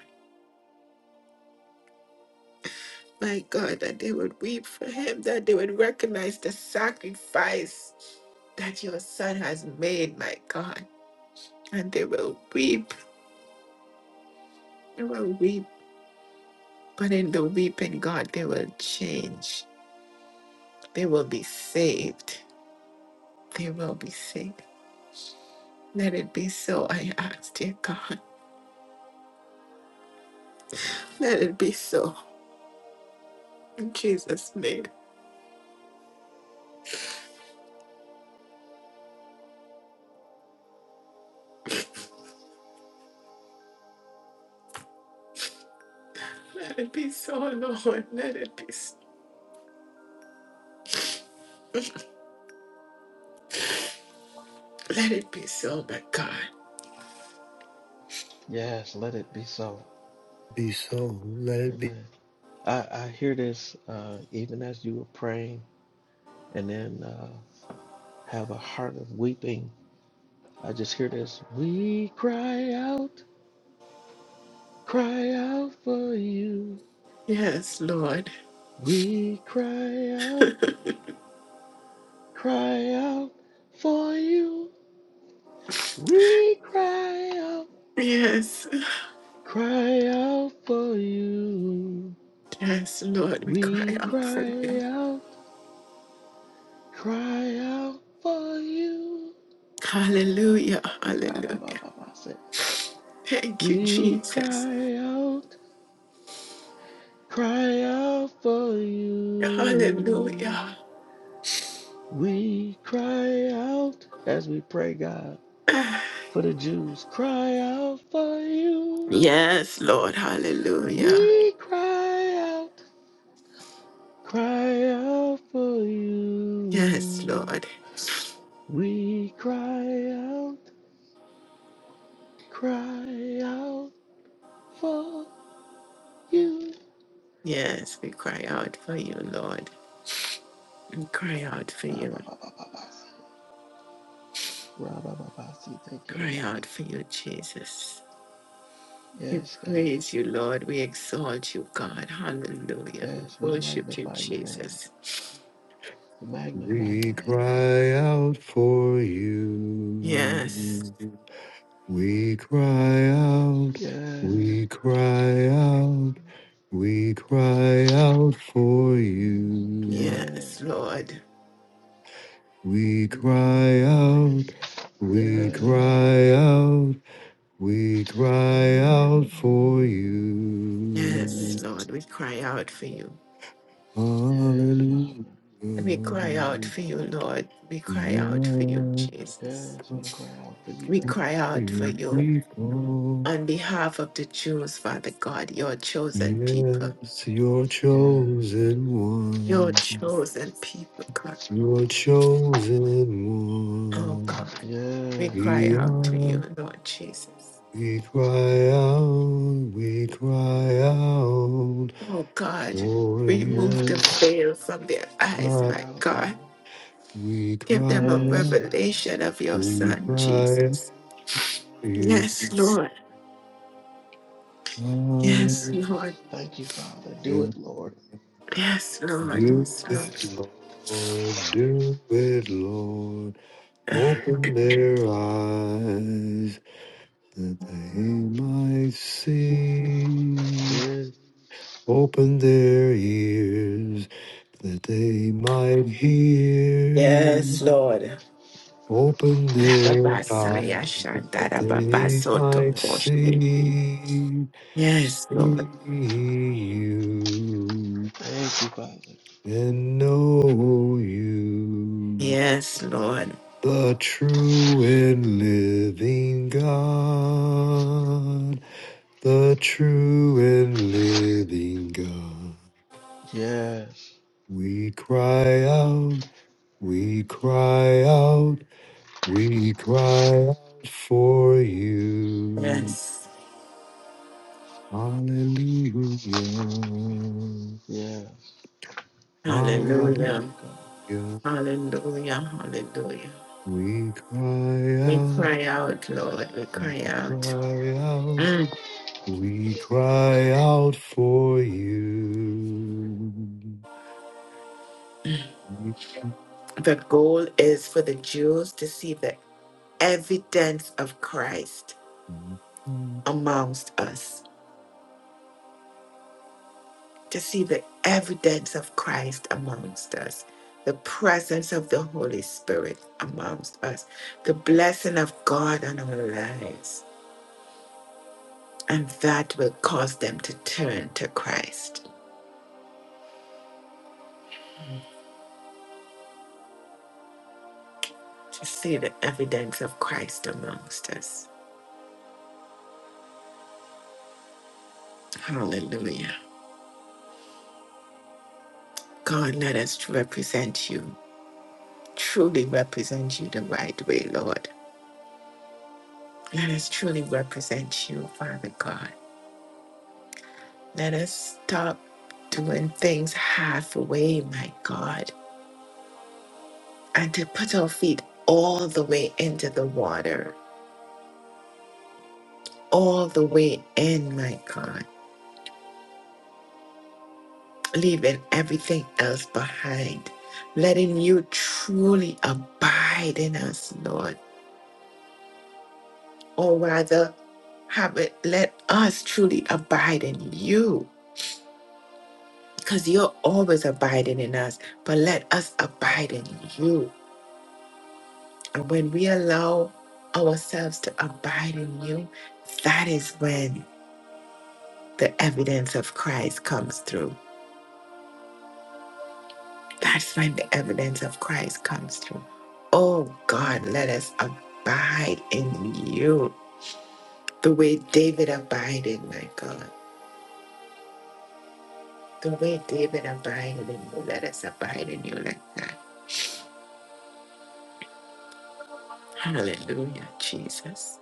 [SPEAKER 2] my God, that they would weep for Him, that they would recognize the sacrifice that your Son has made, my God, and they will weep, they will weep. But in the weeping, God, they will change. They will be saved. They will be saved. Let it be so, I ask, dear God. Let it be so. In Jesus' name. Let it be so, Lord. Let it be so. Let it be so, my God.
[SPEAKER 1] Yes, let it be so.
[SPEAKER 3] Be so. Let it be.
[SPEAKER 1] Amen. I, I hear this uh, even as you were praying and then uh, have a heart of weeping. I just hear this. We cry out, cry out for you.
[SPEAKER 2] Yes, Lord.
[SPEAKER 1] We cry out, cry out for you. We cry out,
[SPEAKER 2] Yes.
[SPEAKER 1] cry out for you.
[SPEAKER 2] Yes, Lord. We
[SPEAKER 1] We
[SPEAKER 2] cry out for
[SPEAKER 1] cry
[SPEAKER 2] you.
[SPEAKER 1] out, cry out for you.
[SPEAKER 2] Hallelujah. Hallelujah.
[SPEAKER 1] Ra-ba-ba-ba-ba-sa.
[SPEAKER 2] Thank you,
[SPEAKER 1] We
[SPEAKER 2] Jesus.
[SPEAKER 1] cry out, cry out for
[SPEAKER 2] Hallelujah.
[SPEAKER 1] you. We cry out as we pray, God, for the Jews. Cry out for you.
[SPEAKER 2] Yes, Lord. Hallelujah.
[SPEAKER 1] We cry out, cry out for
[SPEAKER 2] Yes,
[SPEAKER 1] you.
[SPEAKER 2] Lord.
[SPEAKER 1] We cry out, cry out for you.
[SPEAKER 2] Yes, we cry out for you, Lord. We cry out for you.
[SPEAKER 1] Rababababasi, rabababasi, take it,
[SPEAKER 2] Cry
[SPEAKER 1] about.
[SPEAKER 2] out for you, Jesus. We
[SPEAKER 1] Yes, God.
[SPEAKER 2] praise you, Lord. We exalt you, God. Hallelujah. We
[SPEAKER 1] Yes, we
[SPEAKER 2] worship you,
[SPEAKER 1] magnify your name.
[SPEAKER 2] Jesus.
[SPEAKER 1] We magnify your
[SPEAKER 3] We
[SPEAKER 1] name.
[SPEAKER 3] cry out for
[SPEAKER 2] Yes,
[SPEAKER 3] you. We cry out.
[SPEAKER 1] Yes.
[SPEAKER 3] We cry out. We cry out for
[SPEAKER 1] Mm.
[SPEAKER 3] you.
[SPEAKER 2] yes,
[SPEAKER 1] Yes.
[SPEAKER 2] Lord.
[SPEAKER 3] We cry out. We
[SPEAKER 1] Yes.
[SPEAKER 3] cry out. We cry out for you.
[SPEAKER 2] Yes,
[SPEAKER 1] Yes.
[SPEAKER 2] Lord. We cry out for you.
[SPEAKER 1] Yes,
[SPEAKER 3] Hallelujah.
[SPEAKER 1] Father.
[SPEAKER 2] We cry out for you, Lord. We cry out for you,
[SPEAKER 3] Yeah,
[SPEAKER 2] Jesus.
[SPEAKER 1] Yes, we cry out for you,
[SPEAKER 2] We
[SPEAKER 1] God.
[SPEAKER 2] cry out for
[SPEAKER 3] your
[SPEAKER 2] you
[SPEAKER 3] people.
[SPEAKER 2] on behalf of the Jews, Father God, your chosen people.
[SPEAKER 3] Yes, your
[SPEAKER 1] Yes,
[SPEAKER 3] chosen
[SPEAKER 1] God.
[SPEAKER 2] Your
[SPEAKER 3] one.
[SPEAKER 2] chosen people, God.
[SPEAKER 3] Your chosen
[SPEAKER 2] Oh,
[SPEAKER 3] one.
[SPEAKER 2] God. We cry
[SPEAKER 1] Yes.
[SPEAKER 3] We
[SPEAKER 2] out to you,
[SPEAKER 3] are.
[SPEAKER 2] Lord Jesus.
[SPEAKER 3] We cry out. We cry out
[SPEAKER 2] Oh God,
[SPEAKER 3] for
[SPEAKER 2] remove the
[SPEAKER 3] you.
[SPEAKER 1] Yes.
[SPEAKER 2] veil from their
[SPEAKER 1] We
[SPEAKER 2] eyes,
[SPEAKER 3] Cry out.
[SPEAKER 1] cry
[SPEAKER 2] my
[SPEAKER 1] out,
[SPEAKER 2] God.
[SPEAKER 1] God.
[SPEAKER 3] We
[SPEAKER 2] Give
[SPEAKER 3] cry
[SPEAKER 2] them a
[SPEAKER 1] Yes,
[SPEAKER 3] out.
[SPEAKER 1] God.
[SPEAKER 2] revelation of your
[SPEAKER 3] We
[SPEAKER 2] Son,
[SPEAKER 3] cry out
[SPEAKER 2] Jesus.
[SPEAKER 3] for you.
[SPEAKER 2] Yes, Lord. Yes,
[SPEAKER 3] Hallelujah.
[SPEAKER 2] Lord.
[SPEAKER 1] Yes. Thank you, Father. Do it, Lord.
[SPEAKER 2] Yes, Lord.
[SPEAKER 3] Do
[SPEAKER 2] Yes, Lord.
[SPEAKER 3] it, Lord. Do it, Lord. Open
[SPEAKER 1] Yes.
[SPEAKER 3] their eyes that they might see.
[SPEAKER 1] Yes.
[SPEAKER 3] Open their ears that they might
[SPEAKER 2] Yes,
[SPEAKER 3] hear.
[SPEAKER 2] Lord.
[SPEAKER 3] Open their eyes
[SPEAKER 2] Rababasaya
[SPEAKER 1] Yes.
[SPEAKER 3] that
[SPEAKER 1] Open their
[SPEAKER 3] they
[SPEAKER 1] ears. Open
[SPEAKER 3] might
[SPEAKER 1] their eyes.
[SPEAKER 2] shandarababasotokoshi.
[SPEAKER 3] see,
[SPEAKER 2] Yes, Lord.
[SPEAKER 3] see you
[SPEAKER 1] Thank you, Father.
[SPEAKER 3] and know you,
[SPEAKER 2] Yes, Lord.
[SPEAKER 3] the true and living God, the true and living God.
[SPEAKER 1] Yes.
[SPEAKER 3] We cry out, we cry out. We cry out for you.
[SPEAKER 2] Yes.
[SPEAKER 3] Hallelujah.
[SPEAKER 1] Yes. Pray out for
[SPEAKER 2] Hallelujah.
[SPEAKER 1] you, God.
[SPEAKER 3] Hallelujah.
[SPEAKER 2] Hallelujah. Hallelujah.
[SPEAKER 3] We cry
[SPEAKER 2] We
[SPEAKER 3] out.
[SPEAKER 2] cry out, Lord. We
[SPEAKER 3] We
[SPEAKER 2] cry out.
[SPEAKER 3] cry out. We cry out for you. We cry out.
[SPEAKER 2] The goal is for the Jews to see the evidence of Christ amongst us, to see the evidence of Christ amongst us, the presence of the Holy Spirit amongst us, the blessing of God on our lives. And that will cause them to turn to Christ, to see the evidence of Christ amongst us. Hallelujah. God, let us represent you, truly represent you the right way, Lord. Let us truly represent you, Father God. Let us stop doing things halfway, my God, and to put our feet all the way into the water, all the way in, my God, leaving everything else behind, letting you truly abide in us, Lord, or rather, have it, let us truly abide in you because you're always abiding in us, but let us abide in you. And when we allow ourselves to abide in you, that is when the evidence of Christ comes through. That's when the evidence of Christ comes through. Oh God, let us abide in you the way David abided, my God. The way David abided in you, let us abide in you like that. Hallelujah, Jesus.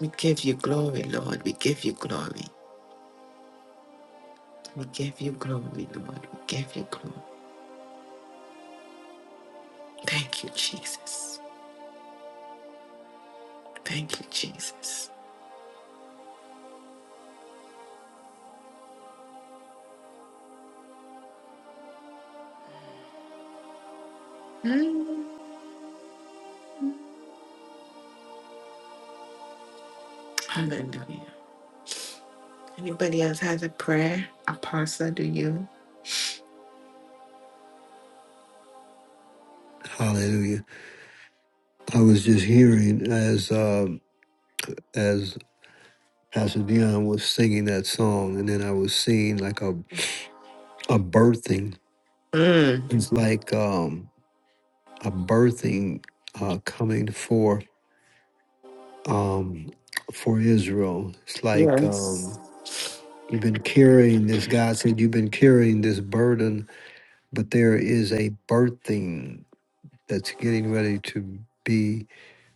[SPEAKER 2] We give you glory, Lord. We give you glory. We give you glory, Lord. We give you glory. Thank you, Jesus. Thank you, Jesus. Mm. Hallelujah. Anybody else has a prayer? Apostle, do you?
[SPEAKER 3] Hallelujah. I was just hearing as um, as Pastor Dion was singing that song, and then I was seeing like a a birthing.
[SPEAKER 2] Mm.
[SPEAKER 3] It's like um, a birthing uh, coming for um, for Israel. It's like um,
[SPEAKER 2] Yes.
[SPEAKER 3] you've been carrying this. God said you've been carrying this burden, but there is a birthing that's getting ready to be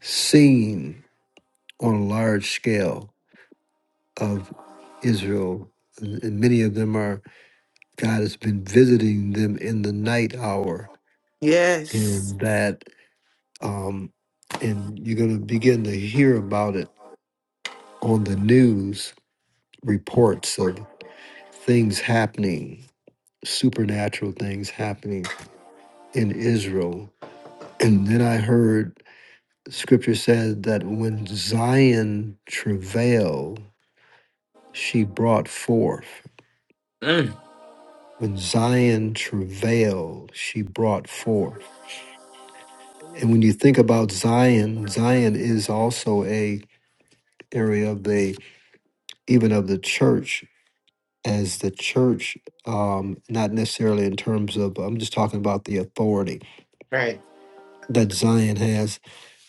[SPEAKER 3] seen on a large scale of Israel, and and many of them are God has been visiting them in the night hour,
[SPEAKER 2] Yes.
[SPEAKER 3] and that, um, and you're going to begin to hear about it on the news reports of things happening, supernatural things happening in Israel. And then I heard scripture said that when Zion travailed, she brought forth.
[SPEAKER 2] Mm.
[SPEAKER 3] When Zion travailed, she brought forth. And when you think about Zion, Zion is also a area of the even of the church as the church, um, not necessarily in terms of I'm just talking about the authority
[SPEAKER 2] Right.
[SPEAKER 3] that Zion has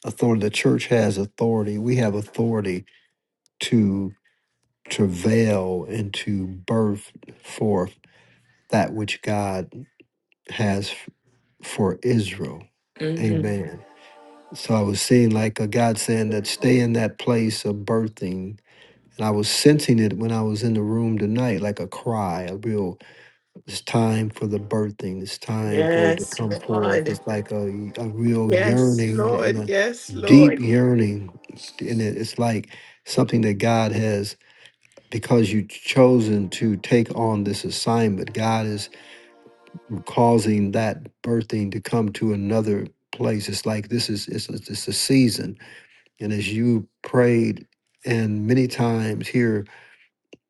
[SPEAKER 3] authority. The church has authority. We have authority to travail and to birth forth that which God has f- for Israel.
[SPEAKER 2] hmm
[SPEAKER 3] Amen. So I was seeing like a God saying that stay in that place of birthing And I was sensing it when I was in the room tonight, like a cry, a real, it's time for the birthing, it's time for it to
[SPEAKER 2] Yes,
[SPEAKER 3] come forth.
[SPEAKER 2] Lord.
[SPEAKER 3] It's like a, a real
[SPEAKER 2] Yes,
[SPEAKER 3] yearning and
[SPEAKER 2] Lord.
[SPEAKER 3] a
[SPEAKER 2] Yes,
[SPEAKER 3] deep
[SPEAKER 2] Lord.
[SPEAKER 3] yearning. And it, it's like something that God has, because you've chosen to take on this assignment, God is causing that birthing to come to another place. It's like this is, it's, it's a season. And as you prayed, and many times here,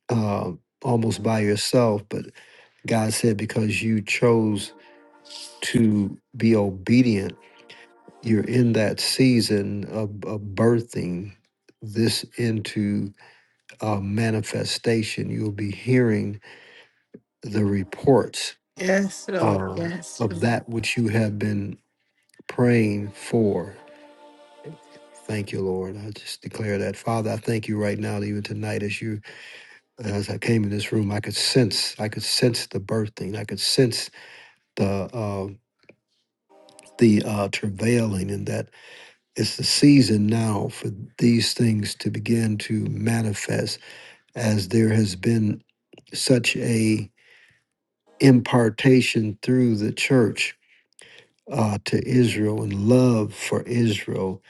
[SPEAKER 3] uh, almost by yourself. But God said, because you chose to be obedient, you're in that season of, of birthing this into uh, manifestation. You'll be hearing the reports
[SPEAKER 2] Yes, Lord.
[SPEAKER 3] uh,
[SPEAKER 2] Yes,
[SPEAKER 3] of
[SPEAKER 2] Lord.
[SPEAKER 3] that which you have been praying for. Thank you, Lord. I just declare that, Father. I thank you right now, that even tonight, as you, as I came in this room, I could sense, I could sense the birthing. I could sense the uh, the uh, travailing, and that it's the season now for these things to begin to manifest, as there has been such a impartation through the church uh, to Israel and love for Israel,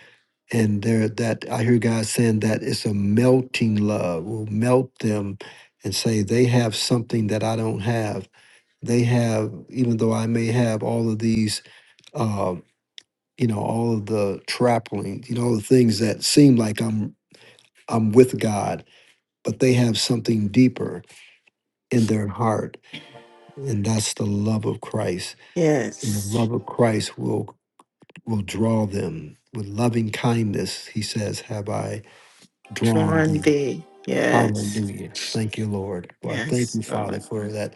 [SPEAKER 3] and there that I hear God saying that it's a melting love will melt them, and say they have something that I don't have. They have, even though I may have all of these uh, you know all of the trappings you know all the things that seem like i'm i'm with god but they have something deeper in their heart and that's the love of christ and the
[SPEAKER 2] Yes.
[SPEAKER 3] love of christ will will draw them with loving kindness he says have i drawn
[SPEAKER 2] Drawn
[SPEAKER 3] thee
[SPEAKER 2] thee. Yes.
[SPEAKER 3] hallelujah thank you lord well i thank
[SPEAKER 2] Yes,
[SPEAKER 3] you father
[SPEAKER 2] Lord.
[SPEAKER 3] for that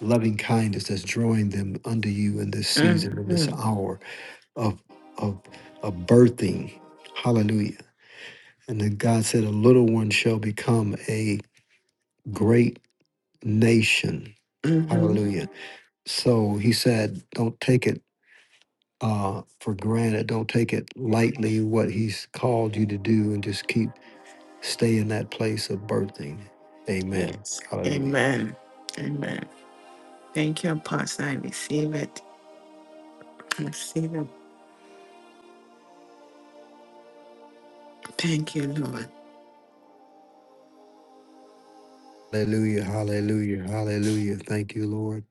[SPEAKER 3] loving kindness that's drawing them unto you in this season in this
[SPEAKER 2] Mm-hmm.
[SPEAKER 3] hour of of of birthing hallelujah And then God said, A little one shall become a great nation.
[SPEAKER 2] Mm-hmm.
[SPEAKER 3] Hallelujah. So he said, Don't take it uh, for granted. Don't take it lightly what he's called you to do and just keep stay in that place of birthing. Amen.
[SPEAKER 2] Yes.
[SPEAKER 3] Hallelujah.
[SPEAKER 2] Amen. Amen. Thank you, Pastor. I receive it. I receive it. Thank you, Lord.
[SPEAKER 3] Hallelujah. Hallelujah. Hallelujah. Thank you, Lord.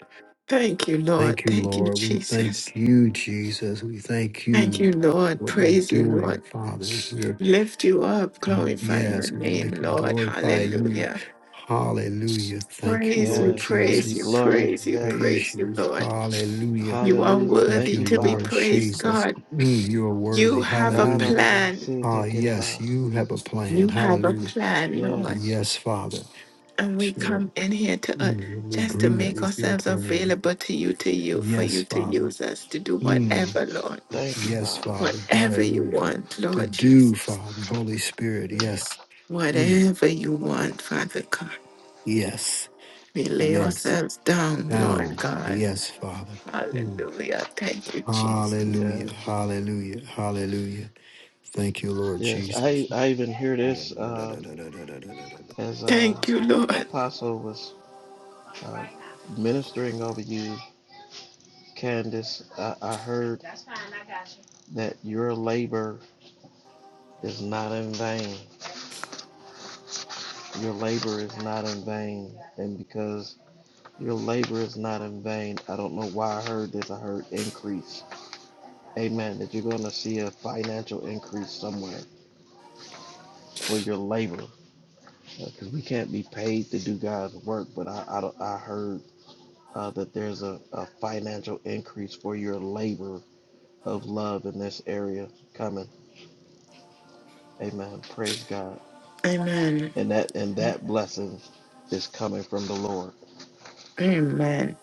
[SPEAKER 2] Thank you, Lord.
[SPEAKER 3] Thank you,
[SPEAKER 2] Thank you,
[SPEAKER 3] Lord. We thank
[SPEAKER 2] Jesus.
[SPEAKER 3] you, Jesus. We thank
[SPEAKER 2] Thank
[SPEAKER 3] you
[SPEAKER 2] you, Lord.
[SPEAKER 3] for what you're
[SPEAKER 2] Praise you,
[SPEAKER 3] doing,
[SPEAKER 2] Lord.
[SPEAKER 3] Father, as we're
[SPEAKER 2] Lift you up.
[SPEAKER 3] Oh,
[SPEAKER 2] Glorify your
[SPEAKER 3] yes, we
[SPEAKER 2] name,
[SPEAKER 3] lift and
[SPEAKER 2] Lord.
[SPEAKER 3] glorify you.
[SPEAKER 2] Hallelujah.
[SPEAKER 3] Hallelujah. Thank you,
[SPEAKER 2] Praise you,
[SPEAKER 3] Lord
[SPEAKER 1] Yes. I give
[SPEAKER 2] praise
[SPEAKER 1] you
[SPEAKER 2] you,
[SPEAKER 3] Jesus. We
[SPEAKER 1] glory.
[SPEAKER 2] praise you,
[SPEAKER 1] Yes.
[SPEAKER 3] praise
[SPEAKER 2] praise you,
[SPEAKER 3] you.
[SPEAKER 2] Lord.
[SPEAKER 3] Hallelujah.
[SPEAKER 2] You are
[SPEAKER 1] Hallelujah.
[SPEAKER 3] Thank
[SPEAKER 1] Thank
[SPEAKER 2] worthy
[SPEAKER 3] you,
[SPEAKER 1] you,
[SPEAKER 2] to be
[SPEAKER 3] Lord
[SPEAKER 1] Father.
[SPEAKER 2] praised,
[SPEAKER 3] Jesus.
[SPEAKER 2] God.
[SPEAKER 3] Mm, you are
[SPEAKER 2] You
[SPEAKER 3] worthy.
[SPEAKER 2] have a
[SPEAKER 3] Hallelujah.
[SPEAKER 1] Ra-ba-ba-ba,
[SPEAKER 2] plan.
[SPEAKER 3] Ah, yes,
[SPEAKER 1] si-te-ke-de-ba.
[SPEAKER 3] you have a plan.
[SPEAKER 2] You have a
[SPEAKER 3] Hallelujah.
[SPEAKER 2] plan, Lord.
[SPEAKER 1] Yes.
[SPEAKER 3] Yes, Father.
[SPEAKER 2] and
[SPEAKER 3] That
[SPEAKER 2] we
[SPEAKER 3] you're
[SPEAKER 2] come in here to uh,
[SPEAKER 3] mm, in
[SPEAKER 2] just to
[SPEAKER 3] agreement
[SPEAKER 2] make
[SPEAKER 3] with your
[SPEAKER 2] ourselves
[SPEAKER 3] plan.
[SPEAKER 2] available to you, to you, for
[SPEAKER 3] Yes,
[SPEAKER 2] you to
[SPEAKER 3] Father.
[SPEAKER 2] use us to do
[SPEAKER 3] Mm,
[SPEAKER 2] whatever, Lord,
[SPEAKER 1] Thank you,
[SPEAKER 3] yes,
[SPEAKER 1] Father.
[SPEAKER 3] Father.
[SPEAKER 2] whatever you
[SPEAKER 3] Hallelujah.
[SPEAKER 2] want,
[SPEAKER 3] To
[SPEAKER 2] Lord Jesus,
[SPEAKER 3] do, Father. Holy Spirit.
[SPEAKER 1] Yeah.
[SPEAKER 3] Yes. Mm,
[SPEAKER 2] whatever you want, Father God.
[SPEAKER 3] yes.
[SPEAKER 2] We lay
[SPEAKER 3] Yes.
[SPEAKER 2] ourselves down, Lord
[SPEAKER 3] down.
[SPEAKER 2] God.
[SPEAKER 3] Yes, Father. Mm.
[SPEAKER 2] Hallelujah. Thank you, Jesus.
[SPEAKER 3] Hallelujah.
[SPEAKER 1] Yes.
[SPEAKER 3] Hallelujah. Hallelujah. Thank you, Lord
[SPEAKER 1] Yes.
[SPEAKER 3] Jesus.
[SPEAKER 1] I, I even hear this uh,
[SPEAKER 3] Amen.
[SPEAKER 1] as uh,
[SPEAKER 2] Thank you, Lord.
[SPEAKER 1] Apostle was uh, ministering over you, Candace. I, I heard that your labor is not in vain. Your labor is not in vain. And because Your labor is not in vain. I don't know why I heard this. I heard increase. Amen. That you're going to see a financial increase somewhere for your labor. Because uh, we can't be paid to do God's work. But I, I, I heard uh, that there's a, a financial increase for your labor of love in this area coming. Amen. Praise God.
[SPEAKER 2] Amen.
[SPEAKER 1] And that and that blessing is coming from the Lord.
[SPEAKER 2] Amen.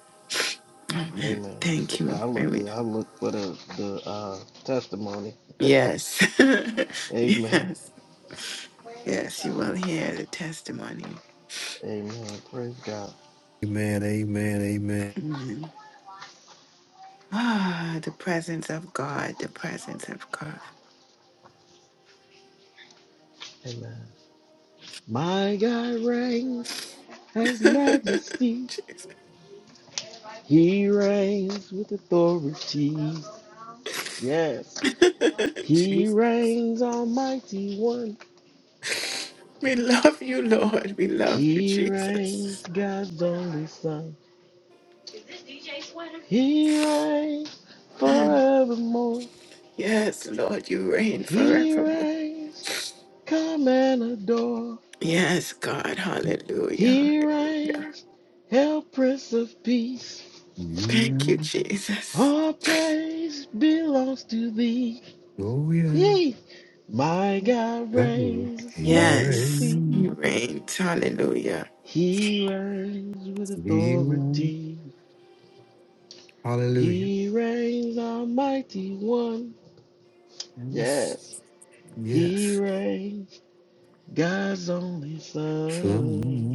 [SPEAKER 2] Amen.
[SPEAKER 1] Amen.
[SPEAKER 2] Thank you.
[SPEAKER 1] I looked
[SPEAKER 2] Amen.
[SPEAKER 1] I looked for the, the uh, testimony.
[SPEAKER 2] Yes.
[SPEAKER 1] Amen.
[SPEAKER 2] yes. Yes, you will hear the testimony.
[SPEAKER 1] Amen. Praise God.
[SPEAKER 3] Amen. Amen.
[SPEAKER 2] Amen. Ah, the presence of God, the presence of God.
[SPEAKER 1] Amen. My God reigns as majesty.
[SPEAKER 2] Jesus.
[SPEAKER 1] He reigns with authority. Yes. He
[SPEAKER 2] Jesus.
[SPEAKER 1] reigns almighty one.
[SPEAKER 2] We love you, Lord. We love you,
[SPEAKER 1] He reigns
[SPEAKER 2] Jesus.
[SPEAKER 1] God's only son. He reigns
[SPEAKER 2] Mm.
[SPEAKER 1] forevermore.
[SPEAKER 2] Yes, Lord, you reign
[SPEAKER 1] He
[SPEAKER 2] forevermore.
[SPEAKER 1] reigns. Come and adore.
[SPEAKER 2] Yes, God. Hallelujah.
[SPEAKER 1] He reigns. Hail Prince of Peace.
[SPEAKER 3] You
[SPEAKER 2] Thank you,
[SPEAKER 3] reign.
[SPEAKER 2] Jesus.
[SPEAKER 1] All praise belongs to thee.
[SPEAKER 3] Oh yeah.
[SPEAKER 1] Yea. My God
[SPEAKER 3] God.
[SPEAKER 1] reigns with
[SPEAKER 3] He
[SPEAKER 2] Yes,
[SPEAKER 1] majesty.
[SPEAKER 3] reigns.
[SPEAKER 2] you reign. Hallelujah.
[SPEAKER 1] He reigns with
[SPEAKER 3] He reigns.
[SPEAKER 1] authority.
[SPEAKER 3] Hallelujah.
[SPEAKER 1] He reigns almighty one.
[SPEAKER 3] Yes.
[SPEAKER 1] Yes. He
[SPEAKER 3] Yes.
[SPEAKER 1] reigns God's only
[SPEAKER 3] So,
[SPEAKER 1] son.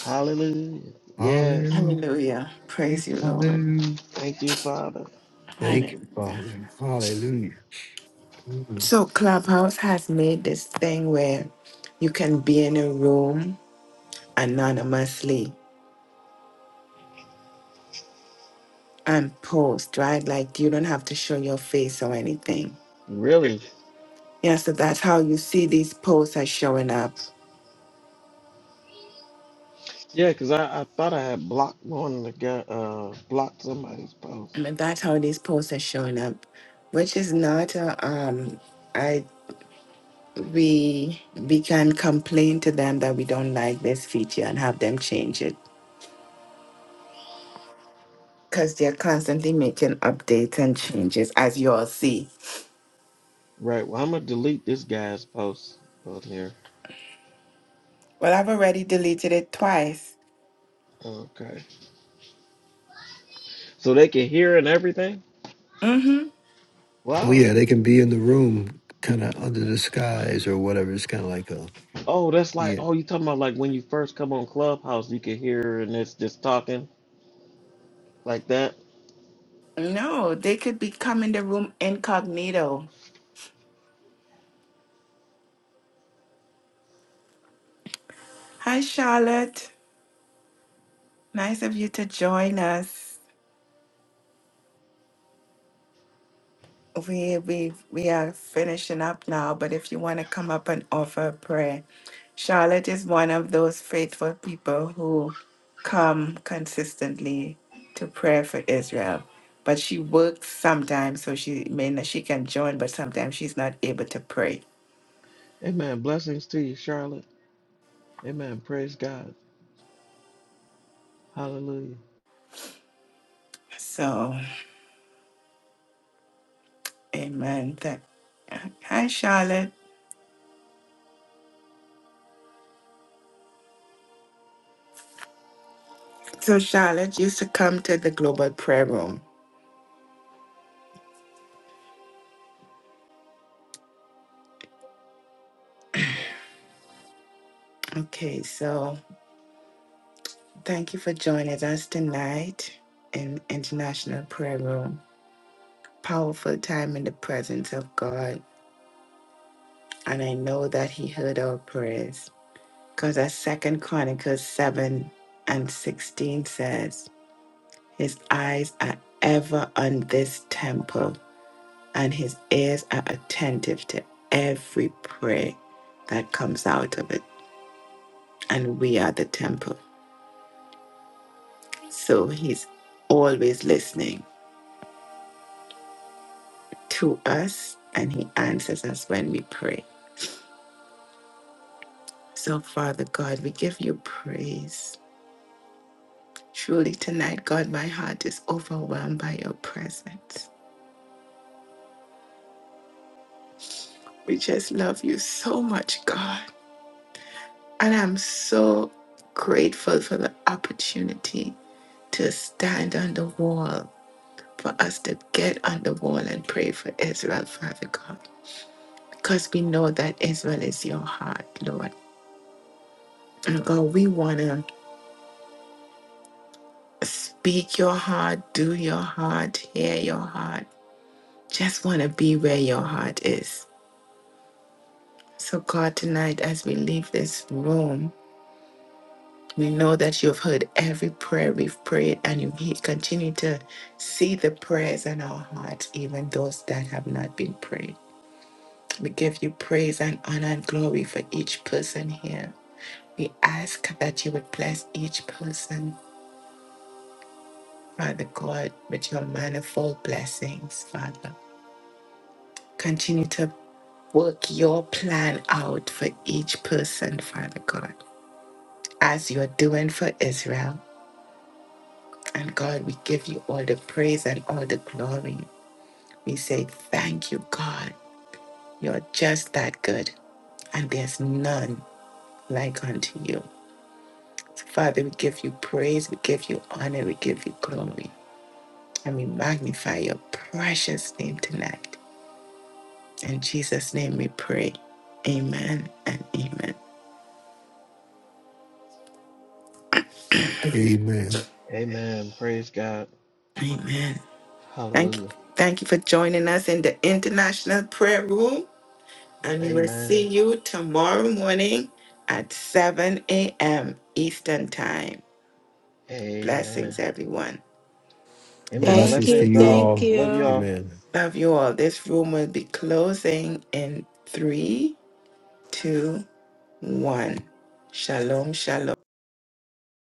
[SPEAKER 1] Hallelujah. Yes.
[SPEAKER 3] hallelujah.
[SPEAKER 2] Hallelujah. Praise you, Lord.
[SPEAKER 3] Hallelujah.
[SPEAKER 1] Thank you, Father.
[SPEAKER 3] Thank you,
[SPEAKER 2] Hallelujah.
[SPEAKER 3] Father. Hallelujah. Mm.
[SPEAKER 2] So Clubhouse has made this thing where you can be in a room anonymously and post, right? Like you don't have to show your face or anything.
[SPEAKER 1] Really?
[SPEAKER 2] Yeah, so that's how you see these posts are showing up.
[SPEAKER 1] Yeah, because I, I thought I had blocked one of the uh blocked somebody's
[SPEAKER 2] I
[SPEAKER 1] post.
[SPEAKER 2] mean, that's how these posts are showing up, which is not a, um I we we can complain to them that we don't like this feature and have them change it because they're constantly making updates and changes as you all see
[SPEAKER 1] Right. Well, I'm gonna delete this guy's post on here.
[SPEAKER 2] Well, I've already deleted it twice.
[SPEAKER 1] Okay. So they can hear and everything.
[SPEAKER 2] Mm-hmm.
[SPEAKER 3] Oh
[SPEAKER 1] Wow.
[SPEAKER 3] yeah, they can be in the room, kind of under the skies or whatever. It's kind of like a
[SPEAKER 1] Oh, that's like
[SPEAKER 3] yeah.
[SPEAKER 1] oh, you talking about like when you first come on Clubhouse, you can hear and it's just talking like that.
[SPEAKER 2] No, they could be come in the room incognito. Hi, Charlotte. Nice of you to join us. We we we are finishing up now, but if you want to come up and offer a prayer, Charlotte is one of those faithful people who come consistently to prayer for Israel. But she works sometimes, so she may not, she can join, but sometimes she's not able to pray.
[SPEAKER 1] Amen. Blessings to you, Charlotte. Amen. Praise God. Hallelujah.
[SPEAKER 2] So. Amen. Thank- Hi, Charlotte. So, Charlotte used to come to the global prayer room. Okay, so thank you for joining us tonight in International Prayer Room. Powerful time in the presence of God. And I know that He heard our prayers because as Second Chronicles 7 and 16 says, His eyes are ever on this temple and his ears are attentive to every prayer that comes out of it. And we are the temple. So he's always listening to us and he answers us when we pray. So, Father God, we give you praise. Truly, tonight, God, my heart is overwhelmed by your presence. We just love you so much, God. And I'm so grateful for the opportunity to stand on the wall for us to get on the wall and pray for Israel, Father God, because we know that Israel is your heart, Lord. And God, we want to speak your heart, do your heart, hear your heart. Just want to be where your heart is. So, God, tonight as we leave this room, we know that you've heard every prayer we've prayed and you he- continue to see the prayers in our hearts, even those that have not been prayed. We give you praise and honor and glory for each person here We ask that you would bless each person, Father God, with your manifold blessings, Father. Continue to work your plan out for each person, Father God, as you're doing for Israel. And God, we give you all the praise and all the glory. We say, Thank you, God. You're just that good, and there's none like unto you. So, Father, we give you praise, we give you honor, we give you glory. And we magnify your precious name tonight. In Jesus' name we pray. Amen and amen.
[SPEAKER 3] Amen.
[SPEAKER 1] Amen. Praise God.
[SPEAKER 2] Amen. Thank you.
[SPEAKER 1] Hallelujah.
[SPEAKER 2] Thank you for joining us in the International Prayer Room. And we will see
[SPEAKER 1] Amen.
[SPEAKER 2] you tomorrow morning at 7 a.m. Eastern Time.
[SPEAKER 1] Amen.
[SPEAKER 2] Blessings, everyone.
[SPEAKER 1] Amen.
[SPEAKER 4] Thank
[SPEAKER 3] Blessings to
[SPEAKER 4] you.
[SPEAKER 1] Blessings,
[SPEAKER 3] you
[SPEAKER 1] y'all.
[SPEAKER 4] Thank
[SPEAKER 3] all.
[SPEAKER 1] Love
[SPEAKER 4] you.
[SPEAKER 1] y'all.
[SPEAKER 3] Amen.
[SPEAKER 2] Love you all. This room will be closing in three, two, one. Shalom, shalom.